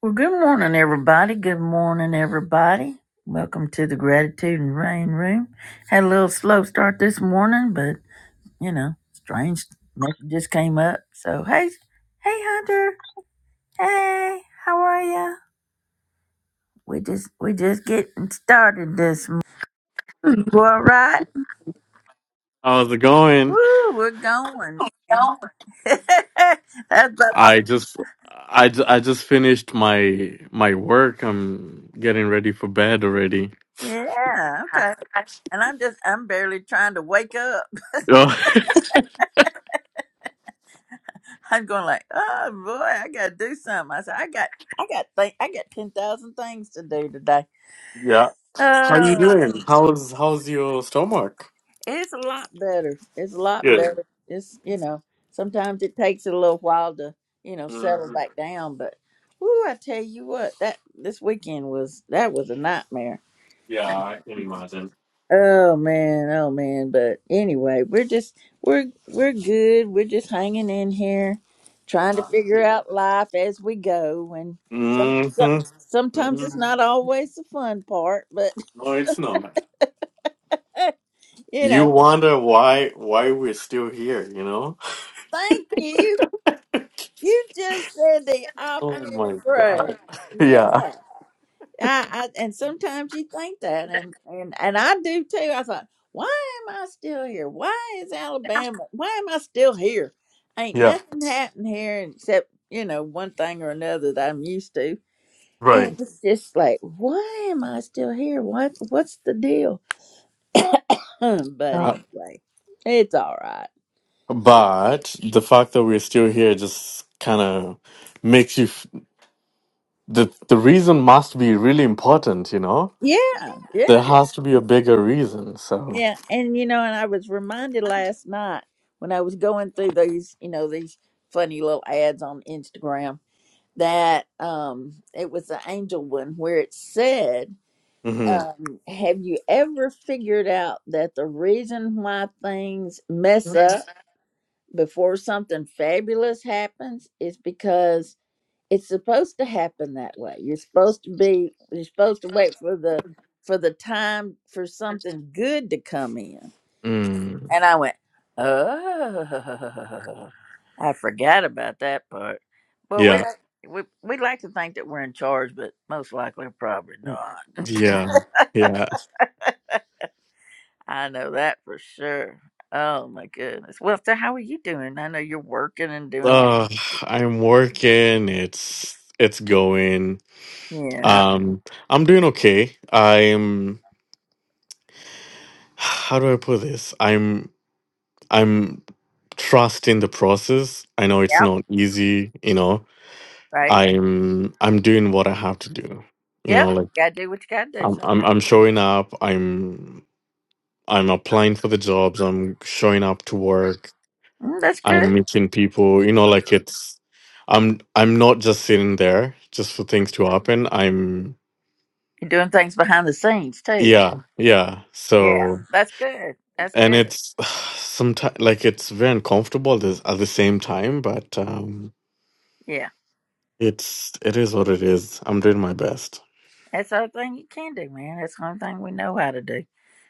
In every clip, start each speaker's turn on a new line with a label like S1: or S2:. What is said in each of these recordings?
S1: Well, good morning, everybody. Good morning, everybody. Welcome to the Gratitude and Rain Room. Had a little slow start this morning, but you know, strange message just came up. So hey, hey, Hunter. Hey, how are ya? We just we just getting started this morning. You all right?
S2: How's it going?
S1: Woo, we're going. man. That's about all.
S2: I just, I, ju- I just finished my my work. I'm getting ready for bed already.
S1: Yeah, okay. And I'm just I'm barely trying to wake up.
S2: Oh,
S1: I'm going like, oh boy, I gotta do something. I said, I got, I got, th- I got ten thousand things to do today.
S2: yeah. How you
S1: Oh,
S2: doing? How's how's your stomach?
S1: it's a lot better. It's a lot
S2: Good.
S1: better. It's you know, sometimes it takes a little while to you know
S2: hmm
S1: settle back down, but whoo, I tell you what, that this weekend was that was a nightmare.
S2: Yeah, I can imagine.
S1: Oh man, oh man. But anyway, we're just we're we're good. We're just hanging in here, trying to
S2: Not
S1: figure
S2: good.
S1: out life as we go. And some, some
S2: Mm-hmm.
S1: sometimes it's
S2: hmm
S1: not always the fun part, but
S2: No, it's not.
S1: you
S2: You
S1: know.
S2: wonder why why we're still here, you know?
S1: Thank you. You just said the
S2: Oh
S1: operative
S2: my
S1: phrase.
S2: god. Yeah.
S1: Yeah. I, I and sometimes you think that, and and and I do too. I thought, why am I still here? Why is Alabama? Why am I still here? Ain't
S2: Yeah.
S1: nothing happened here except you know one thing or another that I'm used to, and
S2: Right.
S1: it's just like, why am I still here? What what's the deal? but anyway, it's all right.
S2: But the fact that we're still here just kind of makes you f- the the reason must be really important, you know?
S1: Yeah, yeah,
S2: There has to be a bigger reason. So,
S1: yeah. And you know, and I was reminded last night when I was going through these, you know, these funny little ads on Instagram that um it was the angel one where it said
S2: hmm
S1: um have you ever figured out that the reason why things mess up before something fabulous happens is because it's supposed to happen that way you're supposed to be you're supposed to wait for the for the time for something good to come in
S2: mm.
S1: and I went, oh, I forgot about that part. Well, we
S2: yeah,
S1: like- we we like to think that we're in charge, but most likely probably not.
S2: yeah, yeah.
S1: I know that for sure. Oh my goodness. Well, so how are you doing? I know you're working and doing all.
S2: Uh, I'm working. It's it's going.
S1: Yeah.
S2: Um, I'm doing okay. I'm. How do I put this? I'm I'm trusting the process. I know it's
S1: Yeah.
S2: not easy, you know
S1: Right.
S2: I'm I'm doing what I have to do. You
S1: Yep.
S2: know, like
S1: gotta do what you gotta do
S2: I'm I'm
S1: sometimes.
S2: I'm showing up. I'm I'm applying for the jobs. I'm showing up to work.
S1: Mm, that's good.
S2: I'm meeting people. You know, like it's I'm I'm not just sitting there just for things to happen. I'm
S1: You're doing things behind the scenes too.
S2: yeah, yeah.
S1: Yeah.
S2: So
S1: That's good. That's
S2: and
S1: good.
S2: it's sometimes like it's very uncomfortable this, at the same time, but um
S1: Yeah.
S2: it's it is what it is. I'm doing my best.
S1: That's the only thing you can do, man. That's the only thing we know how to do.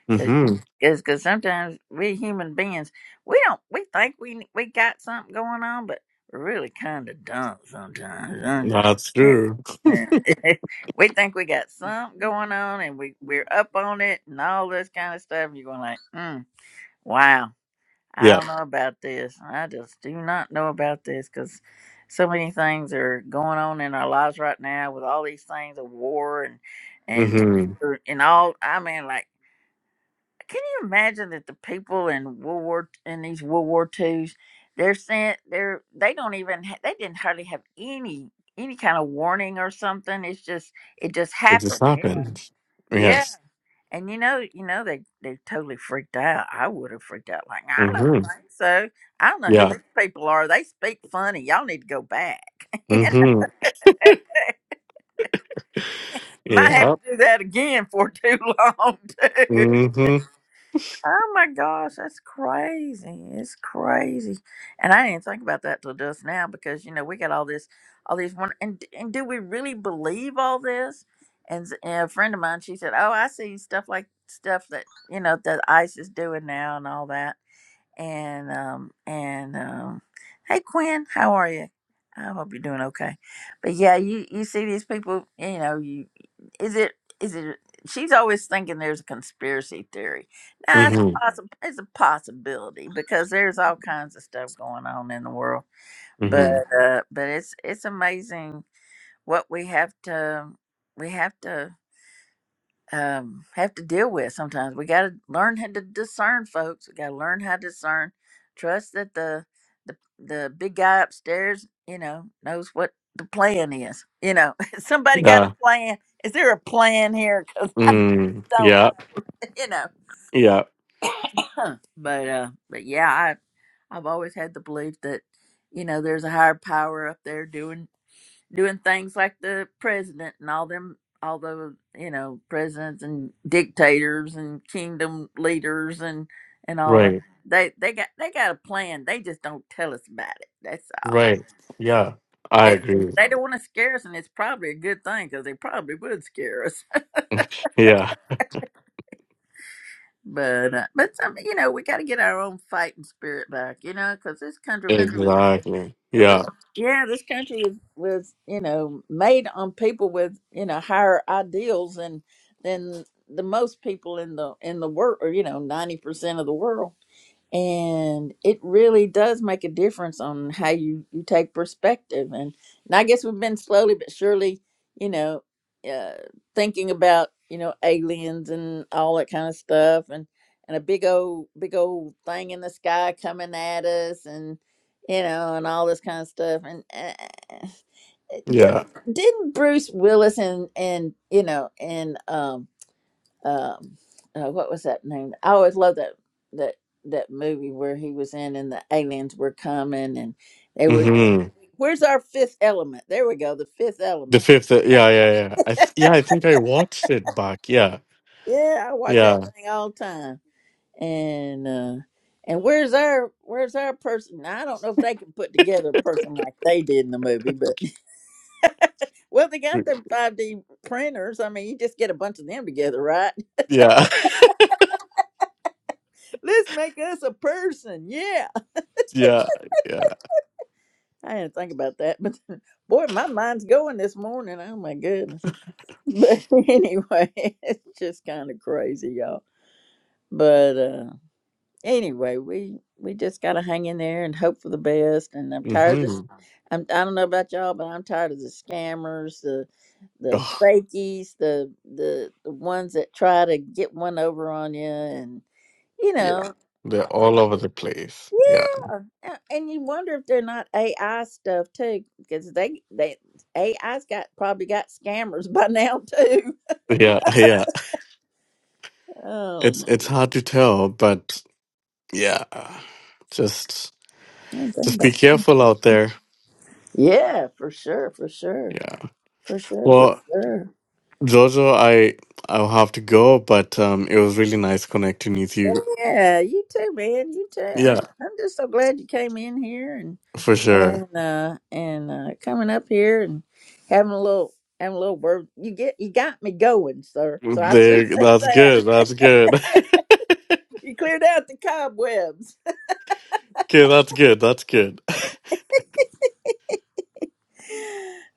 S2: Mhm.
S1: Because cause sometimes we human beings, we don't, we think we we got something going on, but we really kind of don't sometimes. I'm just,
S2: That's true.
S1: we think we got something going on and we, we're up on it and all this kind of stuff. And you're going like, mm, wow, I
S2: Yeah.
S1: don't know about this. I just do not know about this because so many things are going on in our lives right now with all these things of war and, and,
S2: Mhm.
S1: er, and all, I mean, like, can you imagine that the people in World War in these World War Twos, they're sent they're they don't even ha- they didn't hardly have any any kind of warning or something. It's just it just
S2: It just
S1: happened. you know.
S2: happened.
S1: Yeah.
S2: Yes.
S1: And you know, you know, they they totally freaked out. I would have freaked out like I don't
S2: Mm-hmm.
S1: think so. I don't know who
S2: Yeah.
S1: these people are. They speak funny. Y'all need to go back.
S2: Mm-hmm.
S1: Might have
S2: Yeah.
S1: to do that again for too long too.
S2: Mm-hmm.
S1: Oh my gosh, that's crazy. It's crazy. And I didn't think about that till just now because you know, we got all this all these one and and do we really believe all this? And, s- and a friend of mine, she said, "Oh, I see stuff like stuff that, you know, that ICE is doing now and all that." and um and um hey Quinn, how are you? I hope you're doing okay. But yeah, you you see these people, you know, you is it is it she's always thinking there's a conspiracy theory. Now it's
S2: Mm-hmm.
S1: possible it's a possibility because there's all kinds of stuff going on in the world. But
S2: Mm-hmm.
S1: uh but it's it's amazing what we have to we have to um, have to deal with sometimes. We got to learn how to discern, folks. We got to learn how to discern. Trust that the the the big guy upstairs, you know, knows what the plan is. You know, somebody got a
S2: Yeah.
S1: plan. Is there a plan here? Because I
S2: Mm.
S1: don't,
S2: Yeah.
S1: you know.
S2: Yeah.
S1: Huh. but uh, but yeah, I I've always had the belief that you know there's a higher power up there doing doing things like the president and all them all the you know presidents and dictators and kingdom leaders and and all that
S2: Right.
S1: they they got they got a plan they just don't tell us about it that's all
S2: Right. Yeah. I
S1: they,
S2: agree.
S1: they don't want to scare us and it's probably a good thing because they probably would scare us
S2: Yeah.
S1: but uh, but some, you know we got to get our own fighting spirit back you know because this country was
S2: Exactly.
S1: it
S2: Yeah.
S1: was yeah this country was, was you know made on people with you know higher ideals than than the most people in the in the world or you know 90% of the world and it really does make a difference on how you you take perspective and and i guess we've been slowly but surely you know uh thinking about you know aliens and all that kind of stuff and and a big old big old thing in the sky coming at us and you know and all this kind of stuff and uh, did,
S2: Yeah.
S1: didn't bruce willis and and you know and um um uh, what was that name i always love that that that movie where he was in and the aliens were coming and they were
S2: Mm-hmm.
S1: where's our fifth element there we go the fifth
S2: The
S1: element
S2: fifth. uh, Yeah. Yeah. Yeah. I th- yeah. I think I watched it back. Yeah.
S1: yeah i watch that
S2: Yeah.
S1: thing all the time and uh and where's our where's our person now, i don't know if they can put together a person like they did in the movie but well they got them 5d printers i mean you just get a bunch of them together right
S2: Yeah.
S1: let's make us a person yeah
S2: yeah. Yeah.
S1: I didn't think about that, but boy, my mind's going this morning. Oh my goodness. But anyway, it's just kind of crazy, y'all. But uh anyway, we we just gotta hang in there and hope for the best. And I'm tired of
S2: Mm-hmm.
S1: this. I'm I don't know about y'all, but I'm tired of the scammers, the the
S2: Oh,
S1: fakies, the the the ones that try to get one over on you, and you
S2: yeah.
S1: know
S2: They're all over the place. Yeah.
S1: Yeah, yeah, and you wonder if they're not AI stuff too, because they they AI's got probably got scammers by now too.
S2: Yeah. Yeah.
S1: Oh,
S2: It's it's hard to tell, but yeah, just
S1: my
S2: just
S1: goodness.
S2: be careful out there.
S1: yeah, for sure, for sure,
S2: Yeah.
S1: for sure, for
S2: Well,
S1: sure.
S2: Jojo, I I'll have to go, but um, it was really nice connecting with you.
S1: Yeah, you too, man. You too. I'm
S2: Yeah,
S1: I'm just so glad you came in here and
S2: for sure.
S1: and uh and uh coming up here and having a little having a little word. You get you got me going, sir. So I
S2: There,
S1: appreciate
S2: that's
S1: that.
S2: good. That's good.
S1: You cleared out the cobwebs.
S2: okay, that's good. That's good.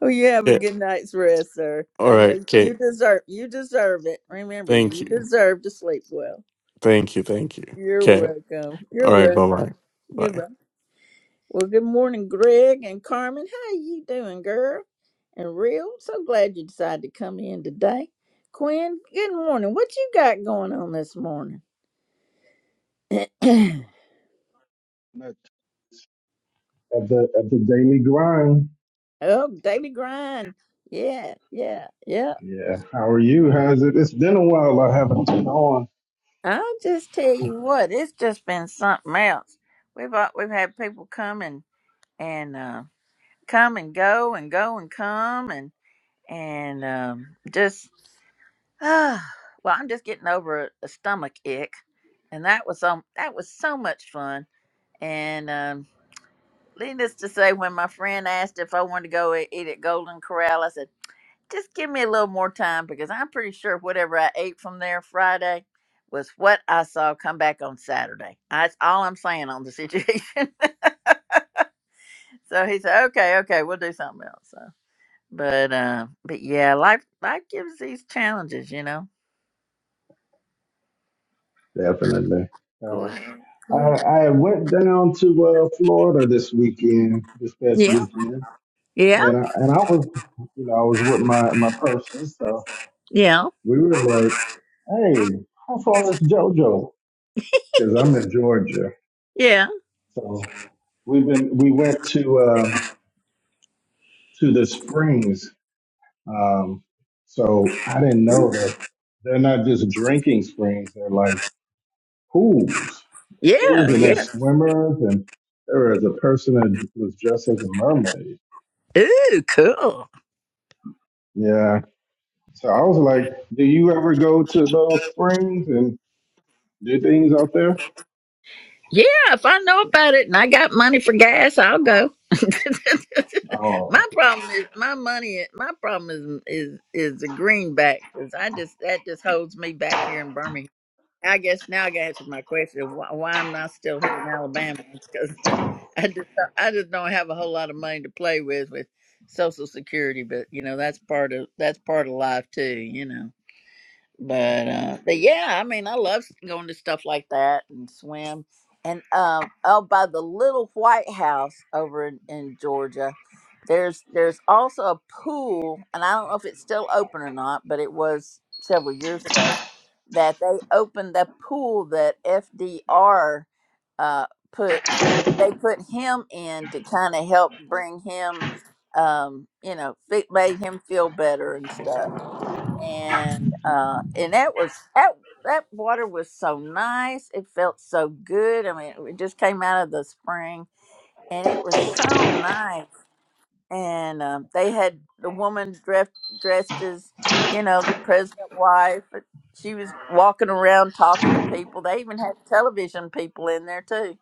S1: Oh, you have a
S2: Okay.
S1: good night's rest, sir.
S2: All
S1: And
S2: right.
S1: uh,
S2: Okay.
S1: you deserve you deserve it. Remember,
S2: Thank
S1: you
S2: you.
S1: deserve to sleep well.
S2: Thank you. Thank you.
S1: You're
S2: Okay.
S1: welcome.
S2: All
S1: You're
S2: right. Bye bye.
S1: welcome.
S2: Bye.
S1: Goodbye. Well, good morning, Greg and Carmen. How you doing, girl? And real, so glad you decided to come in today. Quinn, good morning. What you got going on this morning? oh,
S3: Much Of the of the daily grind.
S1: daily grind. Yeah, yeah, yeah.
S3: Yeah. How are you? How's it? It's been a while. I haven't been on.
S1: I'll just tell you what, it's just been something else. We've uh, we've had people coming. and uh, come and go and go and come and and um, just uh, well, I'm just getting over a, a stomach ick, and that was um that was so much fun. And um, needless to say, when my friend asked if I wanted to go e- eat at Golden Corral, I said just give me a little more time because I'm pretty sure whatever I ate from there Friday was what I saw come back on Saturday. That's all I'm saying on the situation. so he said, okay, okay, we'll do something else. So But uh, but yeah, life life gives these challenges, you know.
S3: Definitely.
S1: Go
S3: So
S1: ahead.
S3: I
S1: Go ahead.
S3: I went down to uh, Florida this weekend, this past
S1: Yeah.
S3: weekend,
S1: Yeah.
S3: and I, and I was, you know, I was with my my person. So
S1: Yeah.
S3: we were like, hey, how far is JoJo? Because I'm in Georgia.
S1: Yeah.
S3: So we've been we went to uh, to the Springs Um, so I didn't know that they're not just drinking springs; they're like pools,
S1: Yeah.
S3: pools, and
S1: Yeah.
S3: there's swimmers. And there was a person that was dressed as a mermaid.
S1: Ooh, cool.
S3: Yeah. So I was like, "Do you ever go to those springs and do things out there?"
S1: Yeah, if I know about it and I got money for gas, I'll go.
S3: Oh,
S1: my problem is my money. My problem is is is the greenback 'cause I just that just holds me back here in Birmingham. I guess now I got to answer my question why, why I'm not still here in Alabama because I just I just don't have a whole lot of money to play with with Social Security, but you know that's part of that's part of life too, you know. But uh, but yeah, I mean I love going to stuff like that and swim and um oh by the little White House over in, in Georgia. There's there's also a pool, and I don't know if it's still open or not, but it was several years ago that they opened the pool that FDR uh, put. They put him in to kind of help bring him, um, you know, it made him feel better and stuff. And uh, and that was that that water was so nice. It felt so good. I mean, it just came out of the spring, and it was so nice and um, they had the woman dressed dressed as you know the president's wife. But she was walking around talking to people. They even had television people in there too.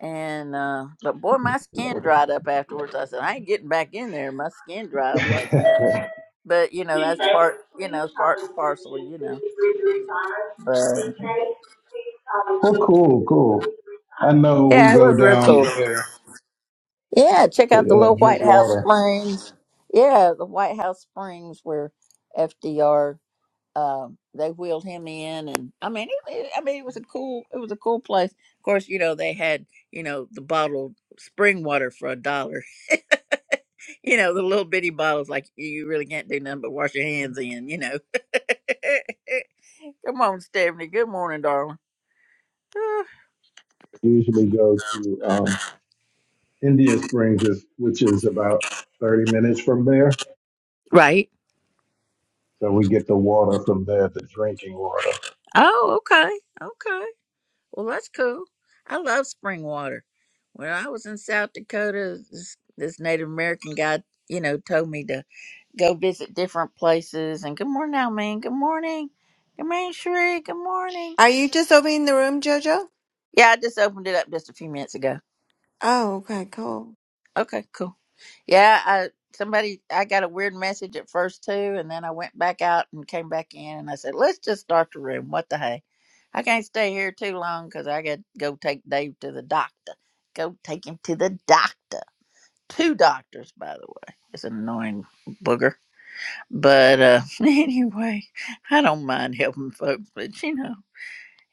S1: And uh, but boy, my skin dried up afterwards. I said I ain't getting back in there. My skin dried up like that. But you know that's part you know it's part and parcel. You know. But
S3: well, cool, cool. I know we
S1: yeah, it
S3: go
S1: was real
S3: down
S1: cool.
S3: there
S1: Yeah, check
S3: to
S1: out the
S3: uh,
S1: little
S3: drink
S1: White House
S3: water.
S1: Springs. Yeah, the White House Springs where FDR um, they wheeled him in, and I mean, it, it- I mean, it was a cool, it was a cool place. Of course, you know they had you know the bottled spring water for a dollar. You know the little bitty bottles, like you really can't do nothing but wash your hands in. You know. Come on, Stephanie. Good morning, darling. Ah,
S3: Usually go to. um, Indian Springs is, which is about 30 minutes from there.
S1: Right.
S3: So we get the water from there, the drinking water.
S1: Oh, okay, okay. Well, that's cool. I love spring water. When I was in South Dakota, this, this Native American guy, you know, told me to. go visit different places. And good morning, Almaine. Good morning. Good morning, Sheree. Good morning.
S4: Are you just opening the room, Jojo?
S1: Yeah, I just opened it up just a few minutes ago.
S4: Oh, okay, cool.
S1: Okay, cool. Yeah, I somebody I got a weird message at first too, and then I went back out and came back in, and I said, let's just start the room. What the hey? I can't stay here too long because I got to go take Dave to the doctor. Go take him to the doctor. Two doctors, by the way. It's an annoying booger. But uh, anyway, I don't mind helping folks, but you know,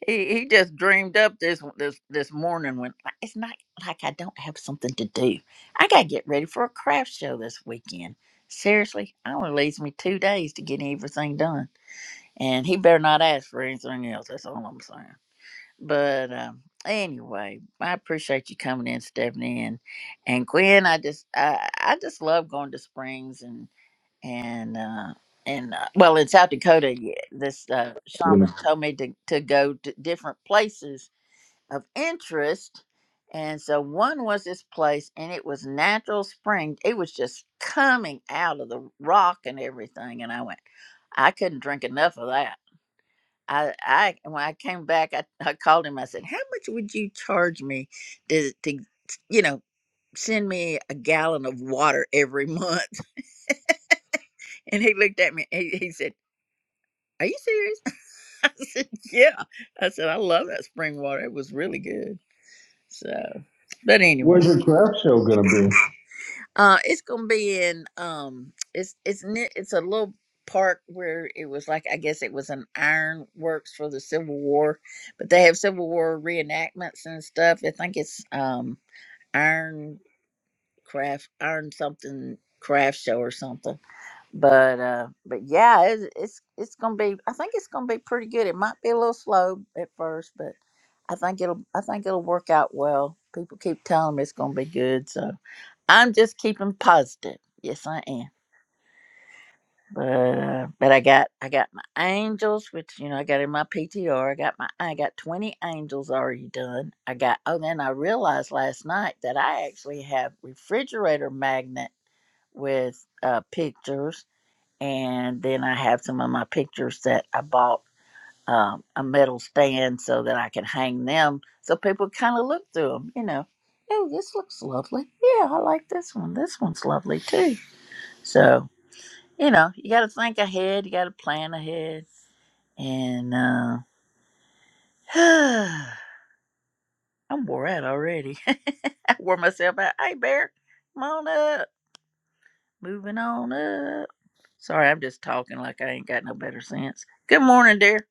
S1: he, he just dreamed up this this this morning when like, it's not like I don't have something to do. I gotta get ready for a craft show this weekend. Seriously, it only leaves me two days to get everything done, and he better not ask for anything else. That's all I'm saying. But um, anyway, I appreciate you coming in, Stephanie, and and Gwen. I just I I just love going to Springs and and uh and uh, well in south dakota y- this uh
S3: We're
S1: shaman
S3: gonna-
S1: told me to to go to different places of interest and so one was this place and it was natural spring it was just coming out of the rock and everything and i went i couldn't drink enough of that I, I when I came back, I, I called him. I said, "How much would you charge me to, to, you know, send me a gallon of water every month?" And he looked at me. He, he said. Are you serious? I said, Yeah. I said, I love that spring water. It was really good. So but anyway.
S3: Where's your craft show going to be?
S1: Uh it's gonna be in um it's it's ne- it's a little park where it was like I guess it was an iron works for the Civil War, but they have Civil War reenactments and stuff. I think it's um iron craft iron something craft show or something but uh but yeah it's, it's it's gonna be i think it's gonna be pretty good it might be a little slow at first but i think it'll i think it'll work out well people keep telling me it's gonna be good so i'm just keeping positive yes i am but uh, but i got i got my angels which you know i got in my ptr i got my i got 20 angels already done i got oh then i realized last night that i actually have refrigerator magnet with uh pictures and then I have some of my pictures that I bought um, a metal stand so that I can hang them, so people kind of look through them. You know, oh, this looks lovely. Yeah, I like this one. This one's lovely too. So you know, you got to think ahead. You got to plan ahead. And uh, I'm wore out already. I wore myself out. Hey, Bear, come on up. Moving on up. Sorry, I'm just talking like I ain't got no better sense. Good morning, dear.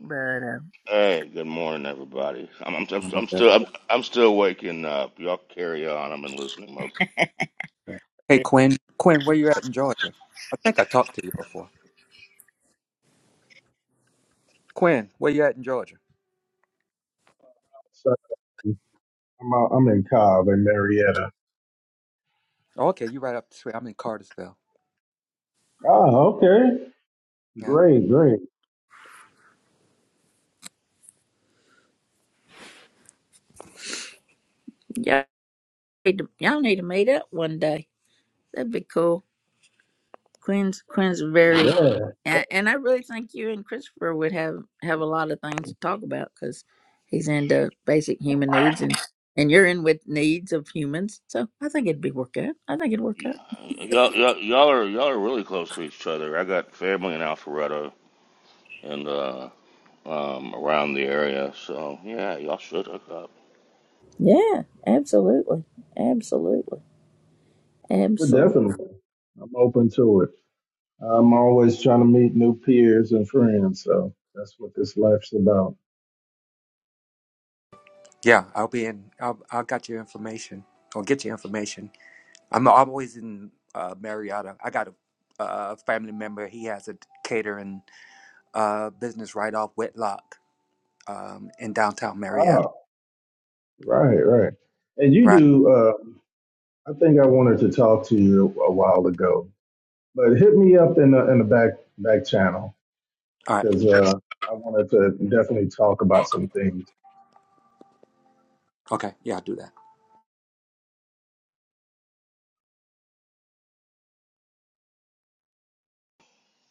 S1: But. uh,
S5: Hey, good morning, everybody. I'm I'm, I'm, I'm
S6: Okay.
S5: still I'm, I'm still waking up. Y'all carry on. I'm in listening mode.
S6: Hey Quinn, Quinn, where you at in Georgia? I think I talked to you before. Quinn, where you at in Georgia?
S3: So I'm, out, I'm in Cobb in Marietta.
S6: Oh, okay, you right up the street. I'm in Cartersville.
S3: Oh, okay.
S6: Yeah,
S3: Great, great.
S1: Y'all need to, y'all need to meet up one day. That'd be cool. Quinn's Quinn's very
S3: Yeah,
S1: and, and I really think you and Christopher would have have a lot of things to talk about because he's into basic human needs and and you're in with needs of humans. So I think it'd be work out. I think it'd work
S5: Y-
S1: out.
S5: Y'all, y'all y'all are y'all are really close to each other. I got family in Alpharetta and uh, um, around the area, so yeah, y'all should hook up.
S1: Yeah, absolutely, absolutely,
S3: but
S1: absolutely.
S3: definitely. I'm open to it. I'm always trying to meet new peers and friends. So that's what this life's about.
S6: yeah. I'll be in. I'll I'll got your information. I'll get your information. I'm always in uh, Marietta. I got a, uh family member. He has a catering uh, business right off Whitlock um, in downtown Marietta.
S3: Oh, right, right. And you
S6: Right.
S3: do, uh, I think I wanted to talk to you a while ago But hit me up in the in the back back channel
S6: All right.
S3: because uh, I wanted to definitely talk about some things
S6: Okay. Yeah, I'll do that.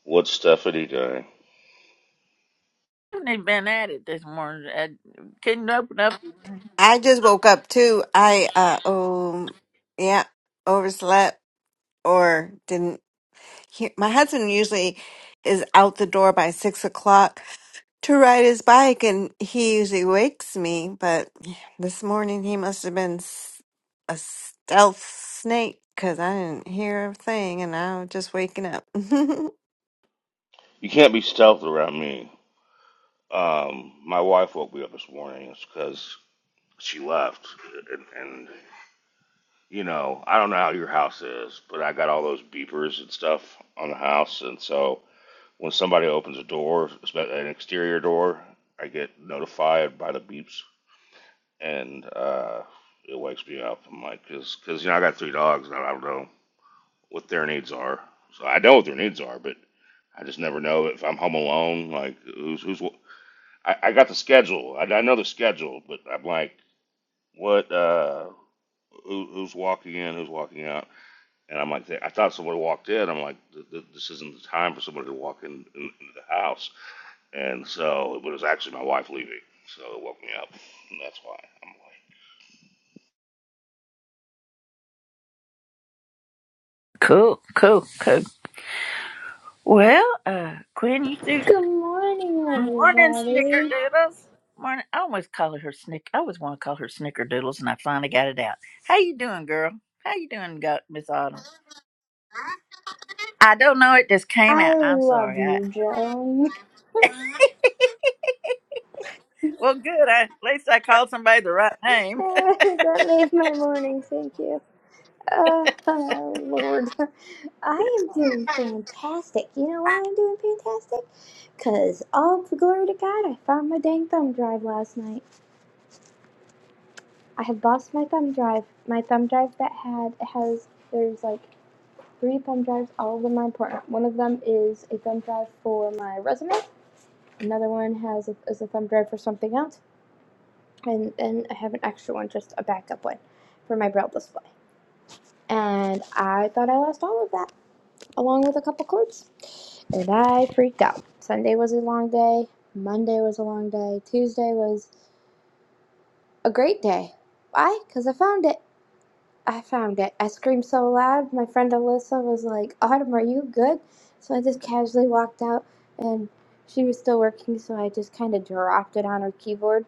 S5: What's Stephanie doing?
S1: haven't even been at it this morning. I couldn't open up.
S4: I just woke up too. I uh um yeah, overslept or didn't hear my husband usually is out the door by six o'clock to ride his bike and he usually wakes me, but this morning he must have been s- a stealth snake because I didn't hear a thing and I was just waking up.
S5: You can't be stealth around me. Um, my wife woke me up this morning. It's because she left, and, and you know I don't know how your house is, but I got all those beepers and stuff on the house, and so. When somebody opens a door, an exterior door, I get notified by the beeps, and uh, it wakes me up. I'm like, because you know I got three dogs, and I don't know what their needs are. So I know what their needs are, but I just never know if I'm home alone. Like who's who's. I, I got the schedule. I, I know the schedule, but I'm like, what? Uh, who, who's walking in? Who's walking out? And I'm like, I thought someone walked in. I'm like, this isn't the time for somebody to walk in, in into the house. And so, but it was actually my wife leaving, so it woke me up, and that's why I'm
S1: Cool, cool, cool. Well, uh, Quinn, you two
S7: Good morning,
S1: Morning,
S7: everybody.
S1: Snickerdoodles. Morning. I always call her Snick. I always want to call her Snickerdoodles, and I finally got it out. How you doing, girl? How you doing, Go- Miss Autumn? I don't know. It just came out.
S7: I
S1: I'm
S7: love
S1: sorry. I,
S7: you, Joan.
S1: well, good. I, at least I called somebody the right name.
S7: that made my morning. Thank you. Uh, oh, Lord, I am doing fantastic. You know why I'm doing fantastic? Cause all the glory to God, I found my dang thumb drive last night. I have lost my thumb drive. My thumb drive that had has there's like three thumb drives, all of them are important. One of them is a thumb drive for my resume. Another one has a, is a thumb drive for something else and then I have an extra one, just a backup one for my braille display. And I thought I lost all of that, along with a couple cords. And I freaked out. Sunday was a long day. Monday was a long day. Tuesday was a great day. Why? Because I found it. I found it. I screamed so loud. My friend Alyssa was like, Autumn, are you good? So I just casually walked out, and she was still working, so I just kind of dropped it on her keyboard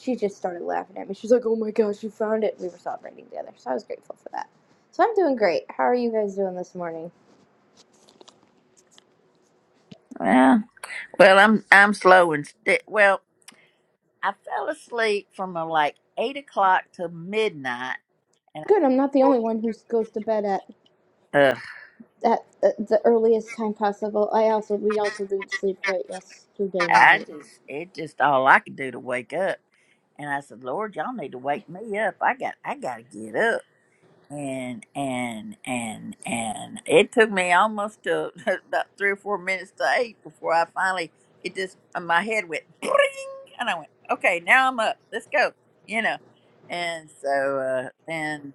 S7: she just started laughing at me. She's like, "Oh my gosh, you found it!" We were celebrating together, so I was grateful for that. So I'm doing great. How are you guys doing this morning?
S1: Well, well, I'm I'm slow and sti- well. I fell asleep from uh, like eight o'clock to midnight, and
S7: Good. I'm not the only one who goes to bed at
S1: uh,
S7: at the the earliest time possible. I also we also didn't sleep great yesterday
S1: I
S7: night.
S1: just, it just all I could do to wake up. And I said, Lord, y'all need to wake me up. I got, I got to get up. And, and, and, and it took me almost to about three or four minutes to eight before I finally, it just, uh, my head went, "Bring," and I went, okay, now I'm up. Let's go, you know. And so, uh, then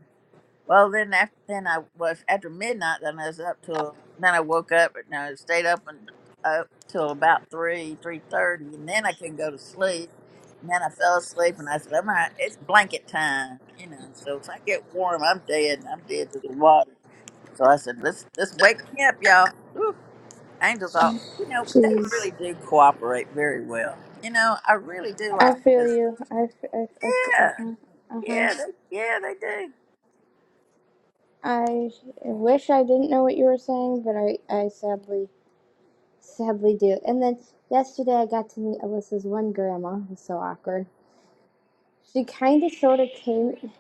S1: well, then after then I was after midnight. Then I was up till then I woke up and I stayed up and up till about three three thirty, and then I couldn't go to sleep. And then I fell asleep, and I said, "I'm not, It's blanket time, you know. So if I get warm, I'm dead. I'm dead to the water." So I said, "Let's let's wake me up, y'all." Whew. Angels all you know they
S7: Jeez,
S1: really do cooperate very well. You know, I really do
S7: I
S1: like
S7: feel
S1: because
S7: you. I uh
S1: yeah,
S7: huh uh huh.
S1: yeah, they, yeah, they do.
S7: I wish I didn't know what you were saying, but I I sadly sadly do. And then yesterday I got to meet Alyssa's one grandma. It was so awkward. She kind of sort of came.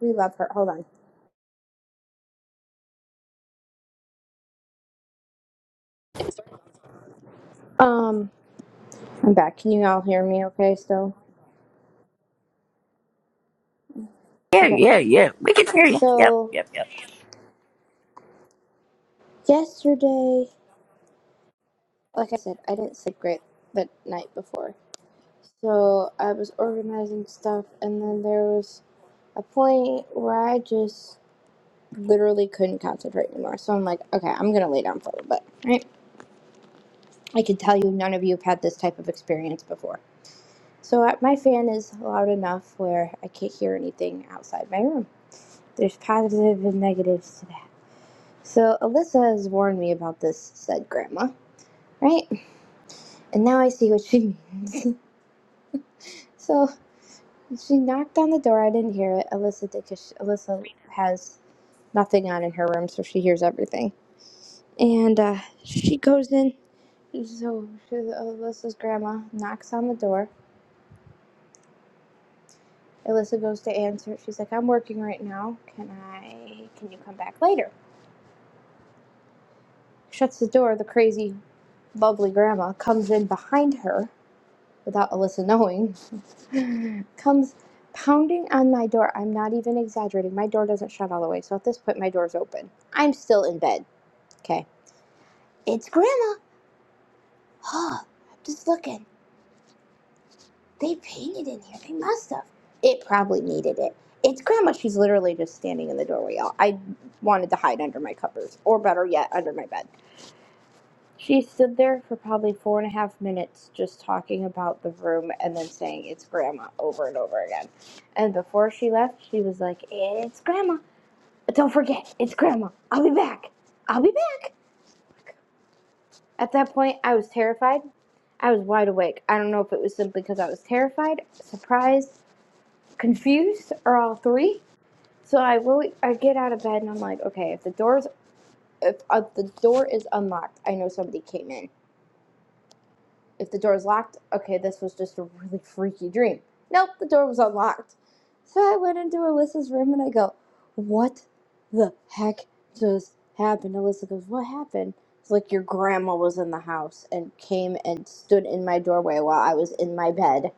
S7: We love her. Hold on. Um, I'm back. Can you all hear me okay still?
S1: Yeah,
S7: Okay.
S1: yeah, yeah. We can hear you. Yep,
S7: So,
S1: yep, yep.
S7: yesterday, like I said, I didn't sleep great the night before. So, I was organizing stuff, and then there was a point where I just literally couldn't concentrate anymore. So, I'm like, okay, I'm going to lay down for a little bit. Right? I can tell you none of you have had this type of experience before. So, uh, my fan is loud enough where I can't hear anything outside my room. There's positive and negatives to that. So Alyssa has warned me about this, said Grandma. Right? And now I see what she means. so she knocked on the door. I didn't hear it. Alyssa did because Alyssa has nothing on in her room, so she hears everything. And uh, she goes in. So she- Alyssa's grandma knocks on the door. Alyssa goes to answer. She's like, I'm working right now. Can I, can you come back later? Shuts the door. The crazy, bubbly grandma comes in behind her without Alyssa knowing, comes pounding on my door. I'm not even exaggerating. My door doesn't shut all the way, so at this point, my door's open. I'm still in bed. Okay. It's Grandma. Huh. I'm Just looking. They painted in here. They must have. It probably needed it. It's Grandma. She's literally just standing in the doorway, y'all. I wanted to hide under my covers, or better yet, under my bed. She stood there for probably four and a half minutes just talking about the room and then saying it's grandma over and over again. And before she left, she was like, It's grandma. but Don't forget, it's grandma. I'll be back. I'll be back. At that point, I was terrified. I was wide awake. I don't know if it was simply because I was terrified, surprised, confused, or all three. So I wo- I get out of bed and I'm like, okay, if the door's if uh, the door is unlocked, I know somebody came in If the door is locked, okay, this was just a really freaky dream. Nope, the door was unlocked. So I went into Alyssa's room and I go, What the heck just happened? Alyssa goes, What happened? It's like your grandma was in the house and came and stood in my doorway while I was in my bed,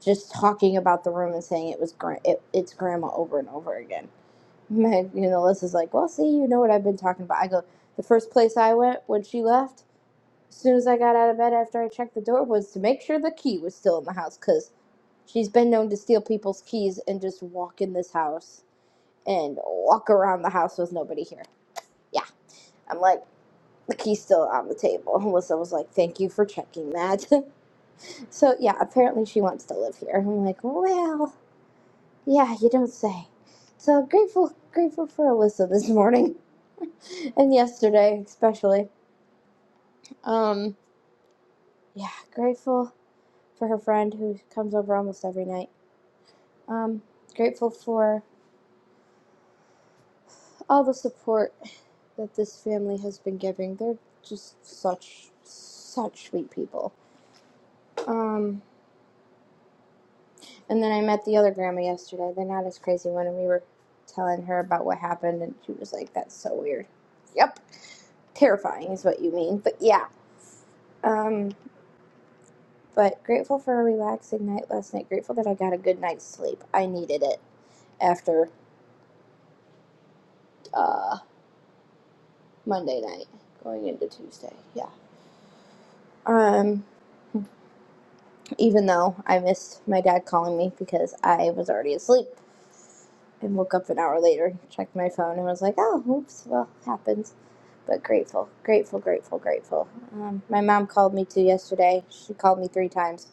S7: just talking about the room and saying it was gra- it, it's grandma over and over again. And you know, Alyssa's like, Well, see, you know what I've been talking about. I go, The first place I went when she left as soon as I got out of bed after I checked the door was to make sure the key was still in the house, 'cause she's been known to steal people's keys and just walk in this house and walk around the house with nobody here. Yeah, I'm like, the key's still on the table. Melissa was like, thank you for checking that. so, yeah, apparently she wants to live here. I'm like, well, yeah, you don't say. So grateful, grateful for Alyssa this morning and yesterday, especially. Um, yeah, grateful for her friend who comes over almost every night Um, grateful for all the support that this family has been giving. They're just such, such sweet people. Um, and then I met the other grandma yesterday, the not as crazy one, and we were telling her about what happened, and she was like, "That's so weird." Yep, terrifying is what you mean, but yeah. Um, but grateful for a relaxing night last night. Grateful that I got a good night's sleep. I needed it after uh, Monday night, going into Tuesday. Yeah. Um, even though I missed my dad calling me because I was already asleep and woke up an hour later, checked my phone, and was like, oh, oops, well, happens. But grateful, grateful, grateful, grateful. Um, my mom called me too yesterday. She called me three times.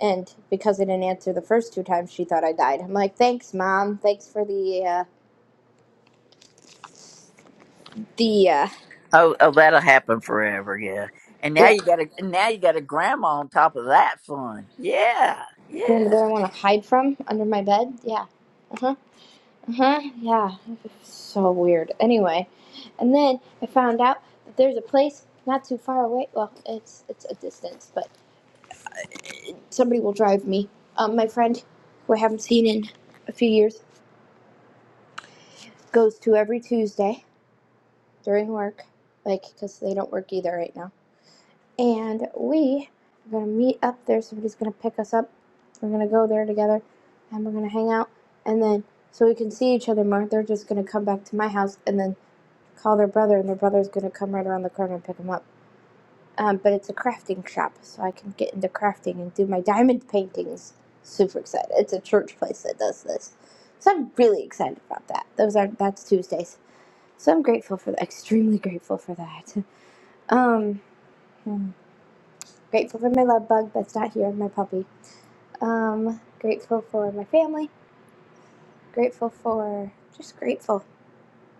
S7: And because I didn't answer the first two times, she thought I died. I'm like, thanks, mom. Thanks for the, uh, the, uh,
S1: Oh, oh, that'll happen forever. Yeah. And now
S7: yeah,
S1: you got a and now you got a grandma on top of that fun. Yeah, yeah.
S7: grandma that I want to hide from under my bed. Yeah. Uh huh." Huh? Yeah. it's So weird. Anyway, and then I found out that there's a place not too far away. Well, it's it's a distance, but somebody will drive me. Um, my friend, who I haven't seen in a few years, goes to every Tuesday during work, like because they don't work either right now. And we are gonna meet up there. Somebody's gonna pick us up. We're gonna go there together, and we're gonna hang out, and then so we can see each other more. They're just gonna come back to my house, and then call their brother, and their brother's gonna come right around the corner and pick them up. Um, but it's a crafting shop, so I can get into crafting and do my diamond paintings. Super excited! It's a church place that does this, so I'm really excited about that. Those are that's Tuesdays, so I'm grateful for that. Extremely grateful for that. Um, hmm. grateful for my love bug that's not here, my puppy. Um, grateful for my family. Grateful for just grateful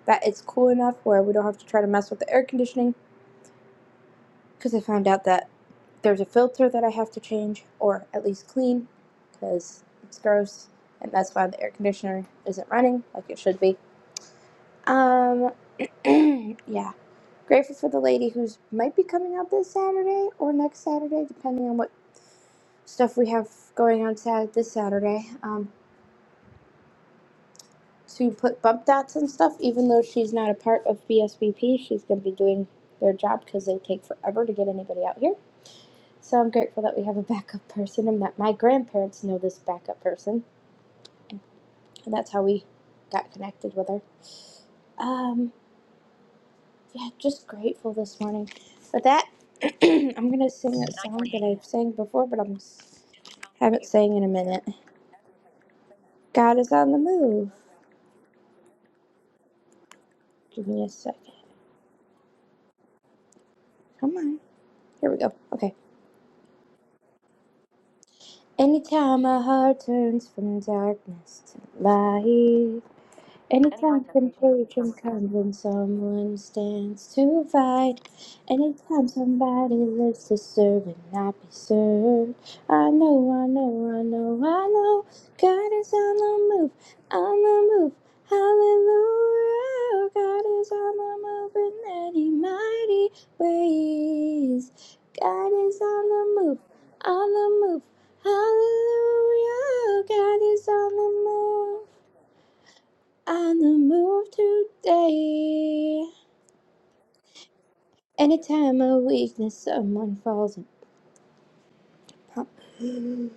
S7: that it's cool enough where we don't have to try to mess with the air conditioning because I found out that there's a filter that I have to change or at least clean because it's gross and that's why the air conditioner isn't running like it should be. Um yeah, grateful for the lady who's might be coming out this Saturday or next Saturday depending on what stuff we have going on Sat this Saturday. Um to put bump dots and stuff even though she's not a part of BSBP, she's going to be doing their job cuz they take forever to get anybody out here. So I'm grateful that we have a backup person and that my grandparents know this backup person. And that's how we got connected with her. Um, yeah, just grateful this morning. With that, I'm going to sing that song that I've sang before, but I am haven't sang in a minute. God is on the move. Give me a second. Come on. Here we go. Okay. Anytime my heart turns from darkness to light. Anytime contagion comes when someone stands to fight, anytime somebody lives to serve and not be served. I know, I know, I know, I know, God is on the move, on the move. Hallelujah, God is on the move in many mighty ways. God is on the move, on the move. Hallelujah, God is on the move. On the move today. Anytime a weakness, someone falls upon.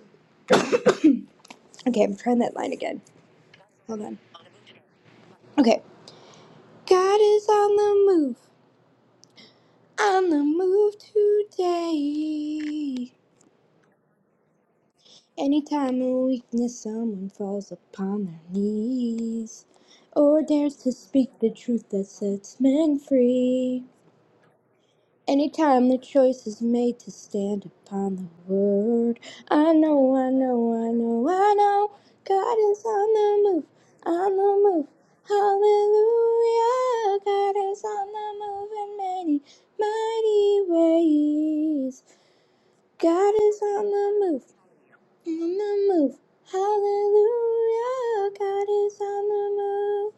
S7: Okay, I'm trying that line again. Hold on. Okay. God is on the move, on the move today. Anytime a weakness, someone falls upon their knees or dares to speak the truth that sets men free. Anytime the choice is made to stand upon the word, I know, I know, I know, I know, God is on the move, on the move. Hallelujah, God is on the move in many, mighty ways. God is on the move, on the move. Hallelujah, God is on the move,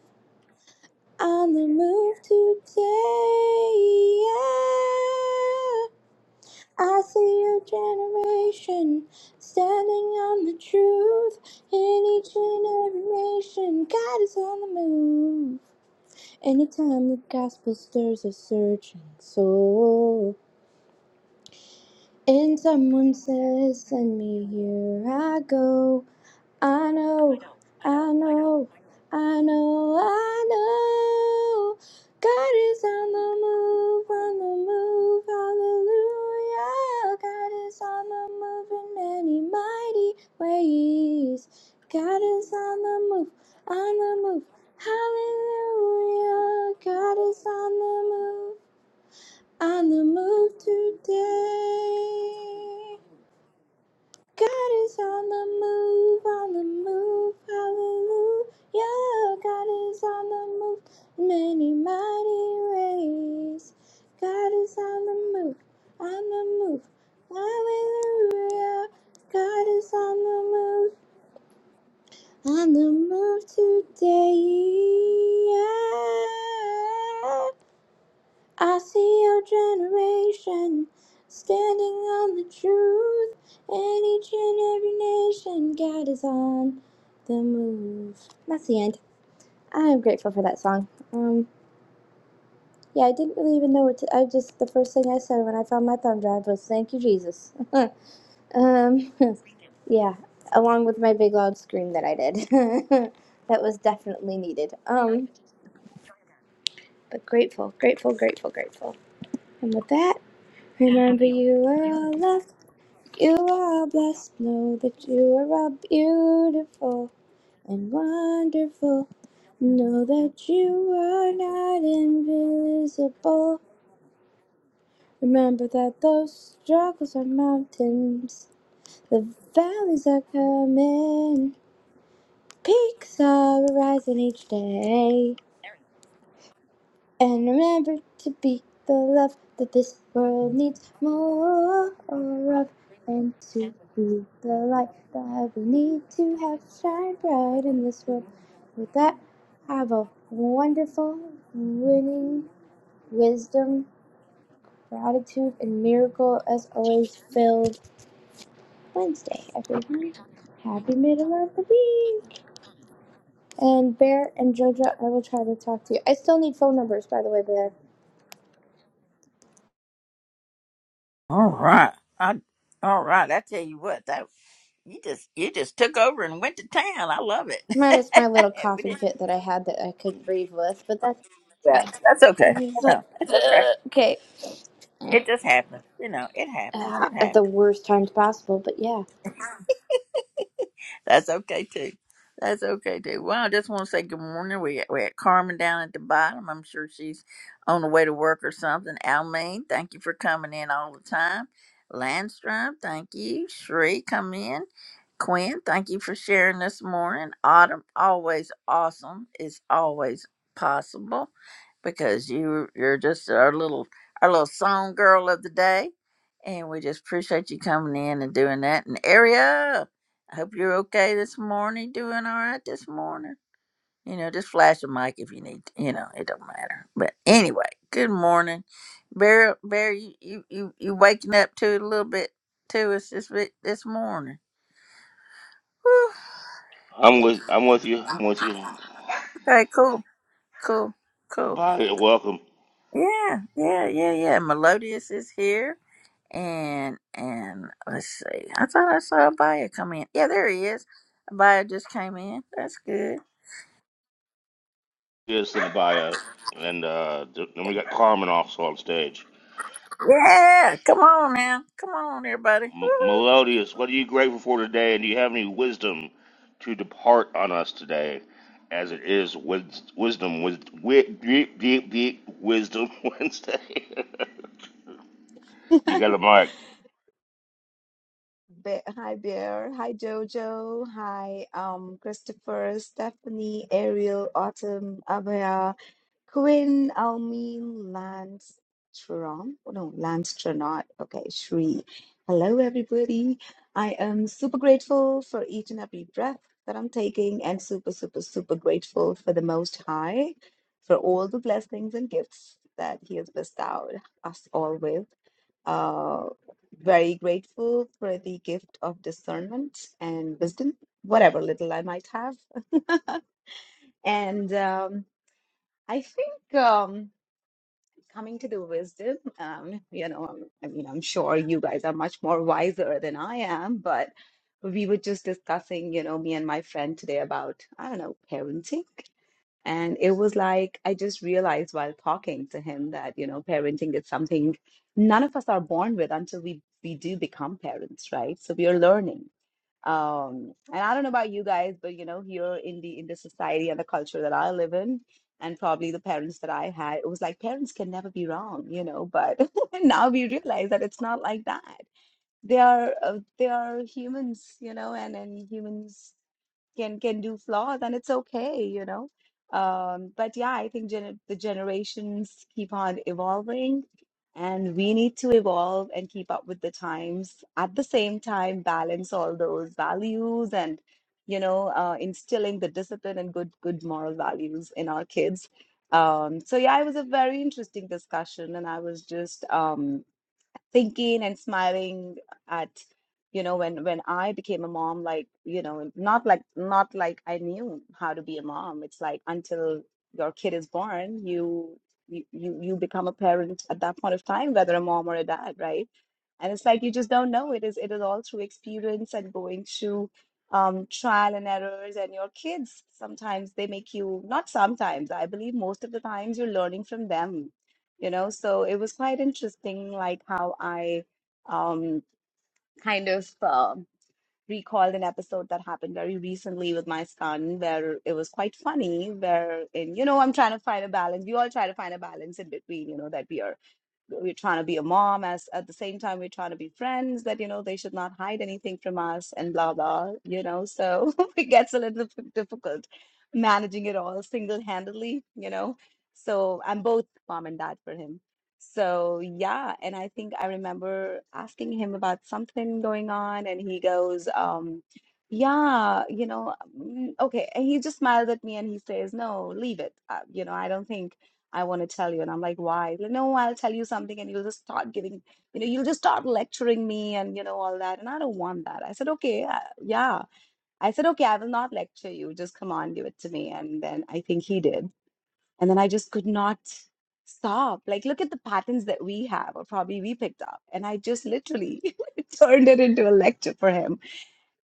S7: on the move today. Yeah. I see a generation standing on the truth in each and every nation. God is on the move. Anytime the gospel stirs a searching soul, and someone says, Send me, here I go. I know, I know, I know, I know. God is on the move, on the move, hallelujah. God is on the move in many mighty ways. God is on the move, on the move, hallelujah. God is on the move, on the move today. God is on the move, on the move, hallelujah. God is on the move, many mighty ways. God is on the move, on the move, hallelujah. God is on the move, on the move today. Yeah. I see your generation standing on the truth, and each and every nation, God is on the move. That's the end. I am grateful for that song. Um, yeah, I didn't really even know what to. I just the first thing I said when I found my thumb drive was "Thank you, Jesus." um, yeah, along with my big loud scream that I did. that was definitely needed. Um, but grateful, grateful, grateful, grateful. And with that, remember you are all loved. You are blessed, know that you are beautiful and wonderful. Know that you are not invisible. Remember that those struggles are mountains, the valleys are coming, peaks are rising each day. And remember to be the love that this world needs more of. and to be the light that we need to have shine bright in this world. With that, have a wonderful, winning, wisdom, gratitude, and miracle as always filled Wednesday, everyone. Happy middle of the week! And Bear and JoJo, I will try to talk to you. I still need phone numbers, by the way, Bear.
S1: All right. I, all right. I tell you what, that you just you just took over and went to town. I love it.
S7: Minus my little
S1: we
S7: coughing
S1: didn't do
S7: fit that I had that I couldn't breathe with, but that's
S1: that.
S7: fine.
S1: That's okay.
S7: It was
S1: You
S7: like,
S1: know, it's okay.
S7: ugh, okay.
S1: It just happens. You know, it happens.
S7: uh,
S1: It
S7: at
S1: happens.
S7: the worst times possible. But yeah,
S1: That's okay too. That's okay too. Well, I just want to say good morning. We we had Carmen down at the bottom. I'm sure she's on the way to work or something. Almaine, thank you for coming in all the time. Landstrom, thank you. Shree, come in. Quinn, thank you for sharing this morning. Autumn, always awesome. It's always possible because you you're just our little our little song girl of the day. And we just appreciate you coming in and doing that. And Ariel. I hope you're okay this morning, doing all right this morning. You know, just flash a mic if you need to. You know, it don't matter. But anyway, good morning. Bear, Bear, you, you, you, you waking up to it a little bit to us this bit this morning. Whew.
S5: late. I'm with, I'm with you, I'm with you.
S1: Okay, cool, cool, cool.
S5: Abaya, welcome.
S1: Yeah, yeah, yeah, yeah. Melodious is here. And and let's see. I thought I saw Abaya come in. Yeah, there he is. Abaya just came in. That's good.
S5: Yes, and Abaya, and uh, th- then we got Carmen also on stage.
S1: Yeah, come on now. Come on, everybody.
S5: M-
S1: Woo-hoo.
S5: Melodious, what are you grateful for today, and do you have any wisdom to depart on us today, as it is wis- wisdom with wisdom Wednesday? you got a mic?
S8: Be- Hi, Bear. Hi, Jojo. Hi, um, Christopher, Stephanie, Ariel, Autumn, Abhaya. Queen Almi Landstrom. Oh, no, Landstronaut. Okay, Shri. Hello, everybody. I am super grateful for each and every breath that I'm taking, and super, super, super grateful for the Most High for all the blessings and gifts that He has bestowed us all with. Uh, very grateful for the gift of discernment and wisdom, whatever little I might have. And um, I think. Um, coming to the wisdom um you know um, i mean i'm sure you guys are much more wiser than i am but we were just discussing you know me and my friend today about i don't know parenting and it was like i just realized while talking to him that you know parenting is something none of us are born with until we we do become parents right so we are learning um and i don't know about you guys but you know here in the in the society and the culture that i live in and probably the parents that i had it was like parents can never be wrong you know but now we realize that it's not like that they are uh, they are humans you know and and humans can can do flaws and it's okay you know um but yeah i think gener the generations keep on evolving and we need to evolve and keep up with the times at the same time balance all those values and you know uh, instilling the discipline and good good moral values in our kids um so yeah it was a very interesting discussion and i was just um thinking and smiling at you know when when I became a mom like you know not like not like I knew how to be a mom it's like until your kid is born you you you you become a parent at that point of time whether a mom or a dad right and it's like you just don't know it is it is all through experience and going through um, trial and errors and your kids sometimes they make you not sometimes i believe most of the times you're learning from them you know so it was quite interesting like how i um kind of um recalled an episode that happened very recently with my son where it was quite funny where in you know i'm trying to find a balance we all try to find a balance in between you know that we are we're trying to be a mom as at the same time we're trying to be friends that you know they should not hide anything from us and blah blah you know so it gets a little bit difficult managing it all single-handedly you know so I'm both mom and dad for him so yeah and I think I remember asking him about something going on and he goes um yeah you know mm, okay and he just smiles at me and he says no leave it uh, you know I don't think I want to tell you. And I'm like, why? Like, no, I'll tell you something and you'll just start giving, you know, you'll just start lecturing me and, you know, all that. And I don't want that. I said, okay, uh, yeah. I said, okay, I will not lecture you. Just come on, give it to me. And then I think he did. And then I just could not stop. Like, look at the patterns that we have or probably we picked up. And I just literally turned it into a lecture for him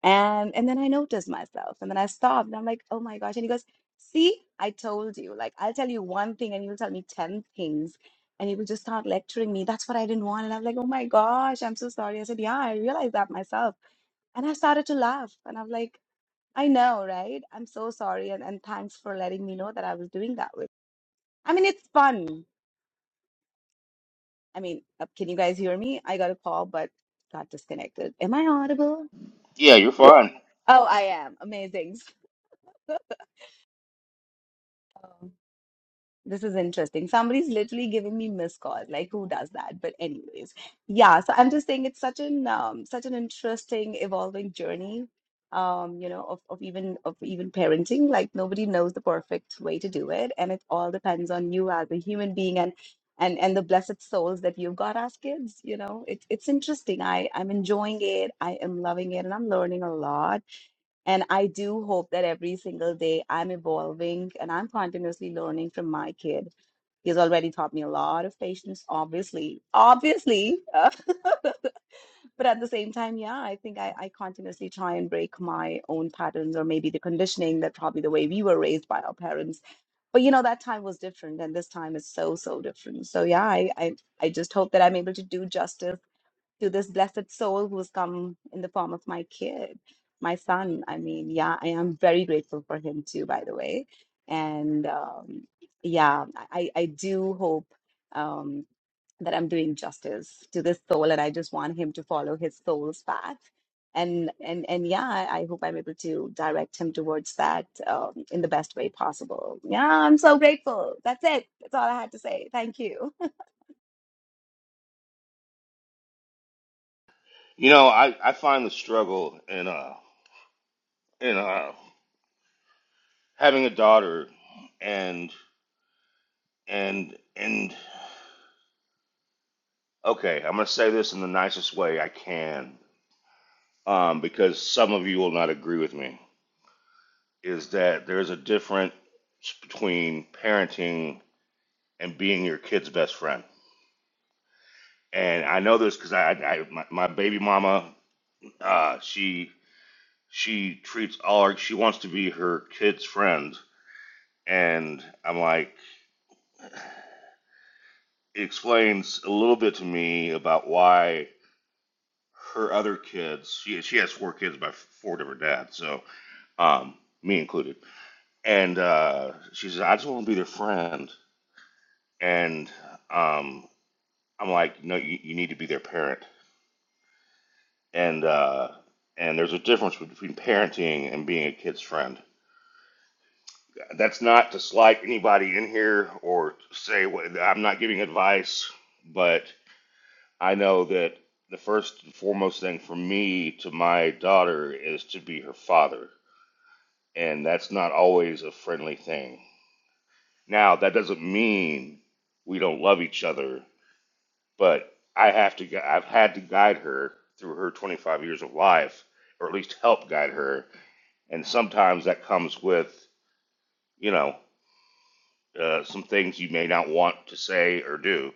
S8: and and then I noticed myself and then I stopped and I'm like, oh my gosh. And he goes, see, I told you, like I'll tell you one thing and you'll tell me 10 things. And he will just start lecturing me. That's what I didn't want. And I'm like, oh my gosh, I'm so sorry. I said, yeah, I realized that myself. And I started to laugh. And I'm like, I know, right? I'm so sorry. And, and thanks for letting me know that I was doing that with. I mean, it's fun. I mean, uh, can you guys hear me? I got a call, but got disconnected. Am I audible?
S5: Yeah, you're fine.
S8: Oh, I am. Amazing. This is interesting. Somebody's literally giving me missed call. Like, who does that? But anyways, yeah. So I'm just saying it's such an um, such an interesting evolving journey. Um, you know, of, of even of even parenting. Like nobody knows the perfect way to do it, and it all depends on you as a human being and and and the blessed souls that you've got as kids. You know, it's it's interesting. I I'm enjoying it. I am loving it, and I'm learning a lot. And I do hope that every single day I'm evolving and I'm continuously learning from my kid. He's already taught me a lot of patience, obviously. Obviously. uh, but at the same time, yeah, I think I, I continuously try and break my own patterns or maybe the conditioning that probably the way we were raised by our parents. But you know, that time was different and this time is so, so different. So yeah, I I, I just hope that I'm able to do justice to this blessed soul who's come in the form of my kid, my son. I mean, yeah, I am very grateful for him too, by the way. And um, yeah, I, I I do hope um, that I'm doing justice to this soul, and I just want him to follow his soul's path. And and and yeah, I I hope I'm able to direct him towards that um, in the best way possible. Yeah, I'm so grateful. That's it. That's all I had to say. Thank you.
S5: You know, I I find the struggle in uh you know, having a daughter and and and okay, I'm gonna say this in the nicest way I can, um, because some of you will not agree with me. Is that there's a difference between parenting and being your kid's best friend, and I know this because I, I my, my baby mama, uh, she she treats all her she wants to be her kid's friend, and I'm like it explains a little bit to me about why her other kids. She she has four kids by four different dads, so um, me included. And uh, she says, "I just want to be their friend." And um, I'm like, "No, you, you need to be their parent." And uh, and there's a difference between parenting and being a kid's friend. That's not to slight anybody in here or say what, I'm not giving advice, but I know that the first and foremost thing for me to my daughter is to be her father and that's not always a friendly thing. Now, that doesn't mean we don't love each other, but I have to. I've had to guide her through her 25 years of life, or at least help guide her. And sometimes that comes with, you know, uh, some things you may not want to say or do,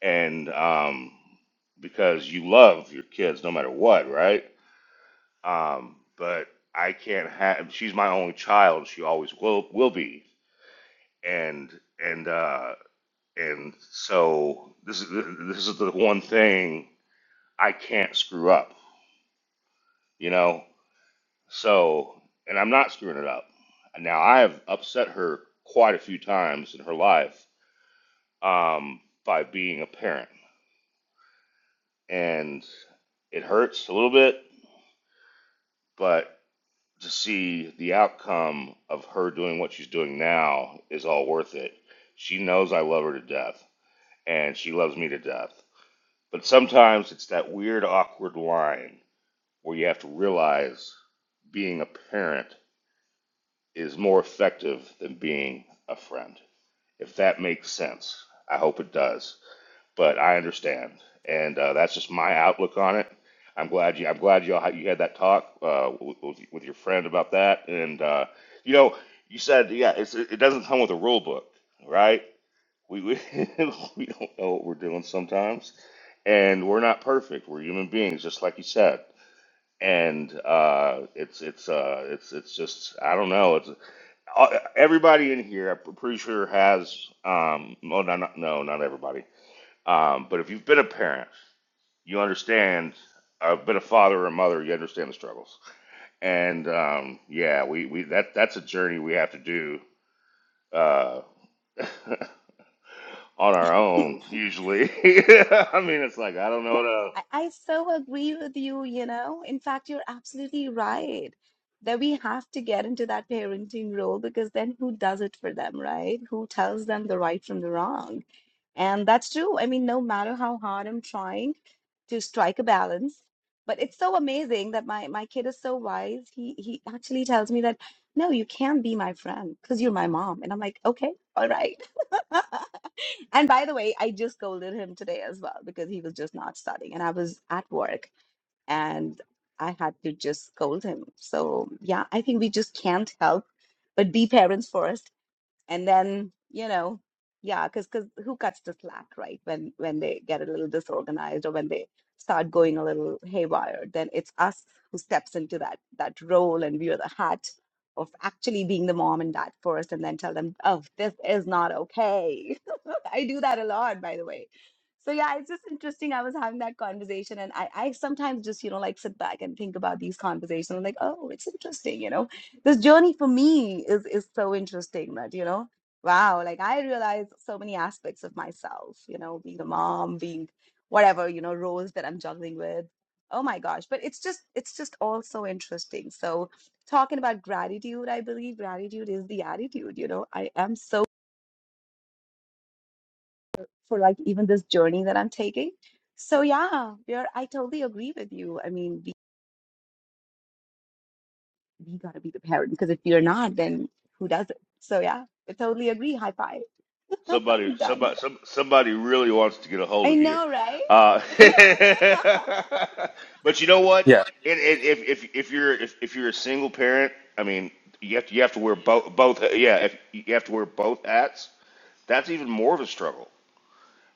S5: and um, because you love your kids no matter what, right? Um, but I can't have. She's my only child. She always will will be, and and uh, And so this is this is the one thing I can't screw up, you know. So, and I'm not screwing it up. Now I have upset her quite a few times in her life um, by being a parent, and it hurts a little bit. But to see the outcome of her doing what she's doing now is all worth it. She knows I love her to death, and she loves me to death. But sometimes it's that weird, awkward line where you have to realize being a parent is more effective than being a friend. If that makes sense, I hope it does. But I understand, and uh, that's just my outlook on it. I'm glad you. I'm glad you all you had that talk uh, with, with your friend about that. And uh, you know, you said yeah, it's, it doesn't come with a rule book, right? We we, we don't know what we're doing sometimes, and we're not perfect. We're human beings, just like you said and uh, it's it's uh, it's it's just I don't know. It's uh, everybody in here. I'm pretty sure has. Um, well, no, not, no, not everybody. Um, but if you've been a parent, you understand. uh, I've been a father or a mother. You understand the struggles. And um, yeah, we, we that that's a journey we have to do uh, on our own. Usually, I mean, it's like I don't know.
S8: I, I so agree with you, you know. In fact, you're absolutely right that we have to get into that parenting role because then who does it for them, right? Who tells them the right from the wrong? And that's true. I mean, no matter how hard I'm trying to strike a balance, but it's so amazing that my my kid is so wise. He he actually tells me that, no, you can't be my friend because you're my mom. And I'm like, okay, all right. And by the way, I just scolded him today as well because he was just not studying and I was at work and I had to just scold him. So, yeah, I think we just can't help but be parents first and then you know yeah because because who cuts the slack right when when they get a little disorganized or when they start going a little haywire then it's us who steps into that that role and we wear the hat of actually being the mom and dad first and then tell them oh this is not okay i do that a lot by the way so yeah it's just interesting i was having that conversation and i i sometimes just you know like sit back and think about these conversations i'm like oh it's interesting you know this journey for me is is so interesting that you know wow like i realized so many aspects of myself you know being a mom being whatever you know roles that i'm juggling with oh my gosh but it's just it's just all so interesting so talking about gratitude i believe gratitude is the attitude you know i am so for like even this journey that i'm taking so yeah we I totally agree with you. I mean, we got to be the parent because if you're not, then who does it? So yeah, I totally agree. High five.
S5: Somebody,
S8: I'm Done.
S5: somebody, some, somebody really wants to get a hold
S8: I
S5: of you.
S8: know, right?
S5: Uh, but you know what?
S6: Yeah.
S5: It, it, if, if if you're if, if you're a single parent, I mean, you have to, you have to wear both both. Yeah, if you have to wear both hats, that's even more of a struggle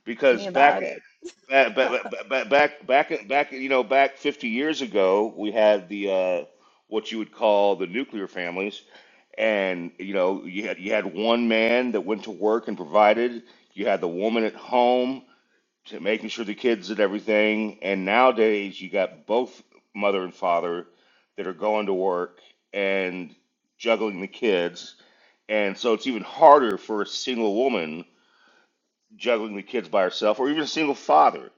S5: because
S8: me about
S5: back
S8: it.
S5: back back back back back, back you know back 50 years ago, we had the uh, what you would call the nuclear families and you know you had you had one man that went to work and provided you had the woman at home to making sure the kids did everything and nowadays you got both mother and father that are going to work and juggling the kids and so it's even harder for a single woman juggling the kids by herself or even a single father